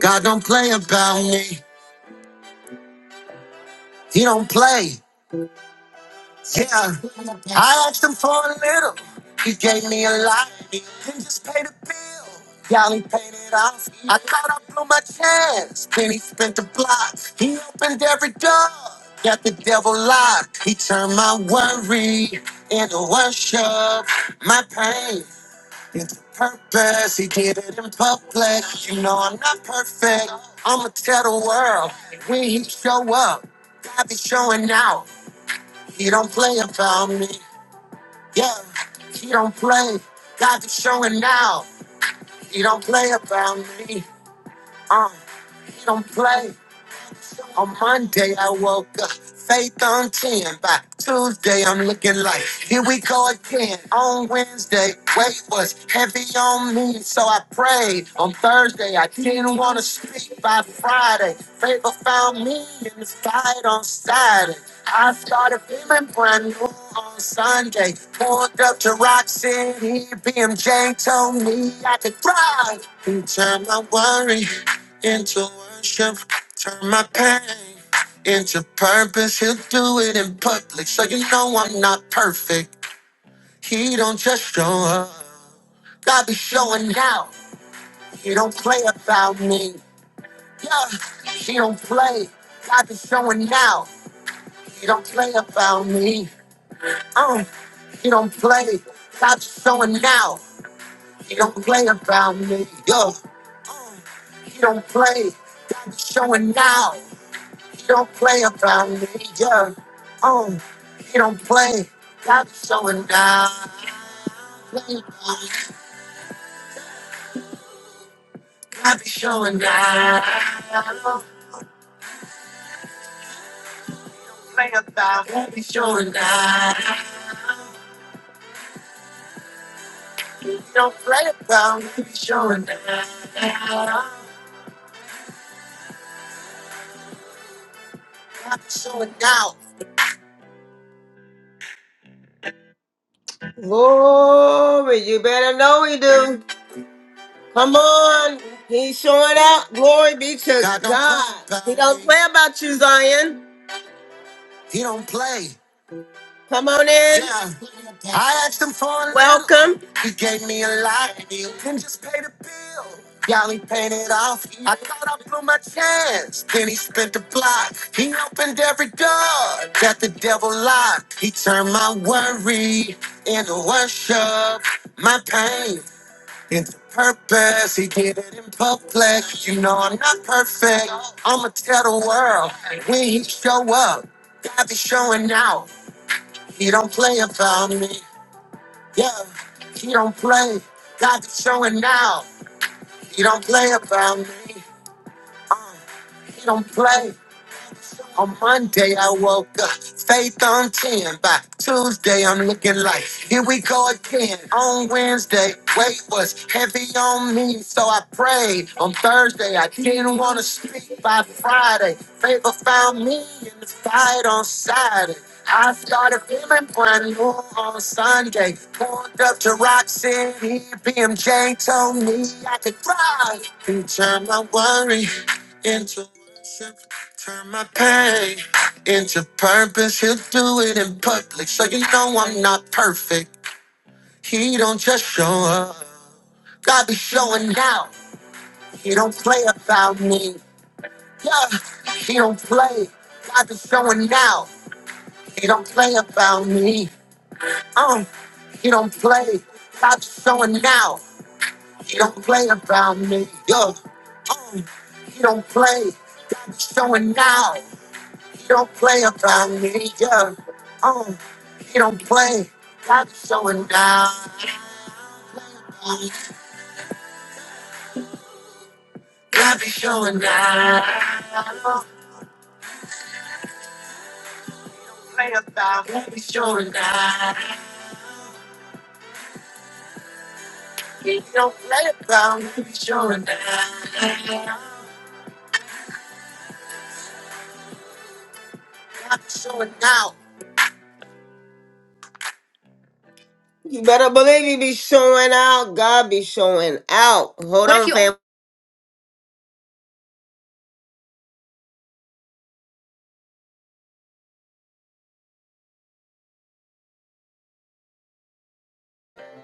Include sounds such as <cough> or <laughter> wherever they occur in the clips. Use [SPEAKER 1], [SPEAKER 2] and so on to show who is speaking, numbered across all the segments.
[SPEAKER 1] God don't play about me. He don't play. Yeah. I asked him for a little. He gave me a lot. He just paid a bill. Y'all, he paid it off. I thought I blew my chance. Then he spent the block. He opened every door. Got the devil locked. He turned my worry into worship. My pain. It's the purpose, he did it in public. You know I'm not perfect. I'ma tell the world when he show up, God be showing out. He don't play about me. Yeah, he don't play. God be showing out. He don't play about me. Uh, he don't play. On Monday, I woke up, faith on 10. By Tuesday, I'm looking like, here we go again. On Wednesday, weight was heavy on me, so I prayed. On Thursday, I didn't want to speak. By Friday, favor found me in the fight on Saturday. I started feeling brand new on Sunday. Pulled up to Rock City, BMJ told me I could drive. He turned my worry into worship. Turn my pain into purpose. He'll do it in public, so you know I'm not perfect. He don't just show up. I be showing out. He don't play about me. Yeah, he don't play. I be showing out. He don't play about me. Um, he don't play. I be showing out. He don't play about me. Yo, he don't play. I be showing out. He don't play about me, yeah. Oh, he don't play. God be showing down. Play about it. God be showing down. Don't play about. it. God be showing down. He don't play about. God be showing down. God be showing down. Glory, you better know he do. Come on, he's showing out. Glory be to God. don't play God. about He don't me. play about you, Zion. He don't play. Come on in. Yeah. I asked him for a lot. Welcome. He gave me a light. You can just pay the bill. Y'all he paid it off. I caught up on my chance. Then he spent the block. He opened every door that the devil locked. He turned my worry into worship. My pain into purpose. He did it in public. You know I'm not perfect. I'ma tell the world when he show up. God be showing out. He don't play about me. Yeah, he don't play. God is showing now. He don't play about me. Uh, he don't play. On Monday, I woke up, faith on 10. By Tuesday, I'm looking like, here we go again. On Wednesday, weight was heavy on me, so I prayed. On Thursday, I didn't want to sleep. By Friday, favor found me in the fight on Saturday. I started feeling brand new on Sunday. Pulled up to Rock City. BMJ told me I could drive. He turned my worry into worship. Turn my pain into purpose. He'll do it in public, so you know I'm not perfect. He don't just show up. God be showing out. He don't play about me. Yeah, he don't play. God be showing out. He don't play about me. Um, he don't play. God be showing out. He don't play about me. Yeah, um, he don't play. God be showing out. He don't play about me, yeah. Oh, he don't play. God be showing down. God be showing down. He don't Play about me, God be showing down. He don't play about me, God be showing down. God be showing out. You better believe he be showing out. God be showing out. Hold What if on, you fam.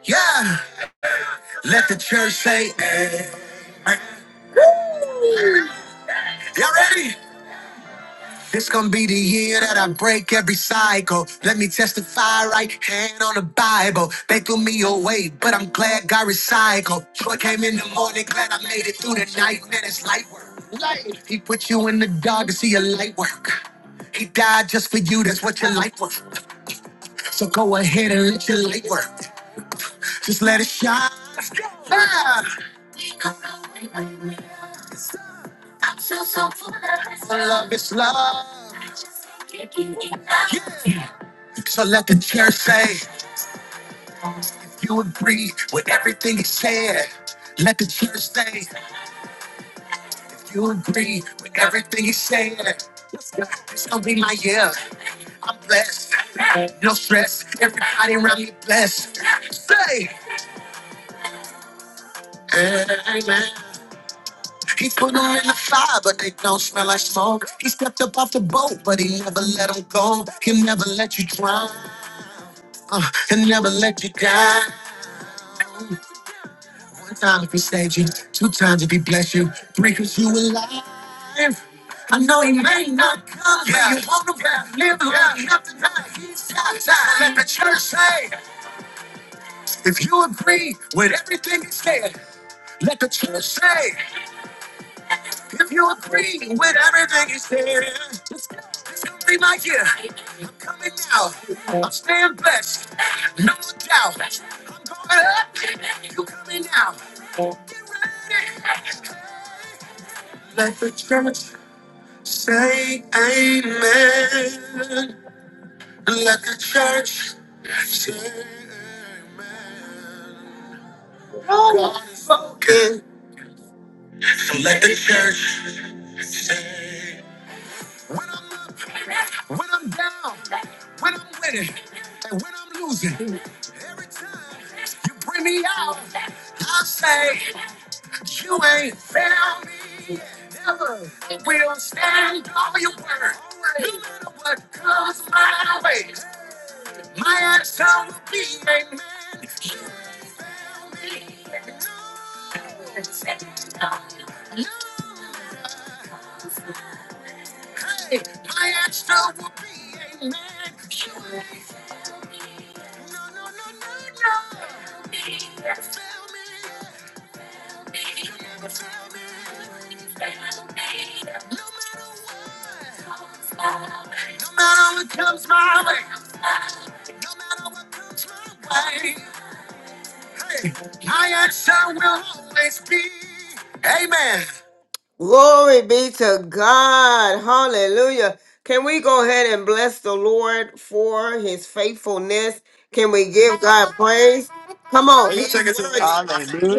[SPEAKER 1] Yeah, let the church say, y'all ready? This gonna be the year that I break every cycle. Let me testify right hand on the Bible. They threw me away, but I'm glad God recycled. Joy came in the morning, glad I made it through the night. Man, it's light work. Light. He put you in the dark to see your light work. He died just for you, that's what your life was. So go ahead and let your light work. Just let it shine. Ah, love is love. So let the church say you agree with everything he said. Let the church say You agree with everything he said. This gonna be my year. I'm blessed. No stress. Everybody around me blessed. Say, amen. He put them in the fire, but they don't smell like smoke. He stepped up off the boat, but he never let them go. He'll never let you drown. Uh, he'll never let you down. One time if he saved you, two times if he bless you, three 'cause you alive. I know he may not come, but yeah. you want him to live long enough to know he's outside. Let the church say, if you agree with everything he said, let the church say, if you agree with everything he said, it's gonna be my year. I'm coming now. I'm staying blessed. No doubt. I'm going up. You coming now. Get ready. Let the church say amen. Let the church say amen. Walking. Let the church say. When I'm up, when I'm down, when I'm winning, and when I'm losing, bring me out. I say, you ain't found me. We'll stand on your word. No matter what comes my way, my answer will be amen. Hey, my answer will be amen. You ain't No, no, no, no, no. No matter what comes my way, hey, my answer will always be. Amen. Glory be to God. Hallelujah. Can we go ahead and bless the Lord for his faithfulness? Can we give God praise? Come on. He's worthy.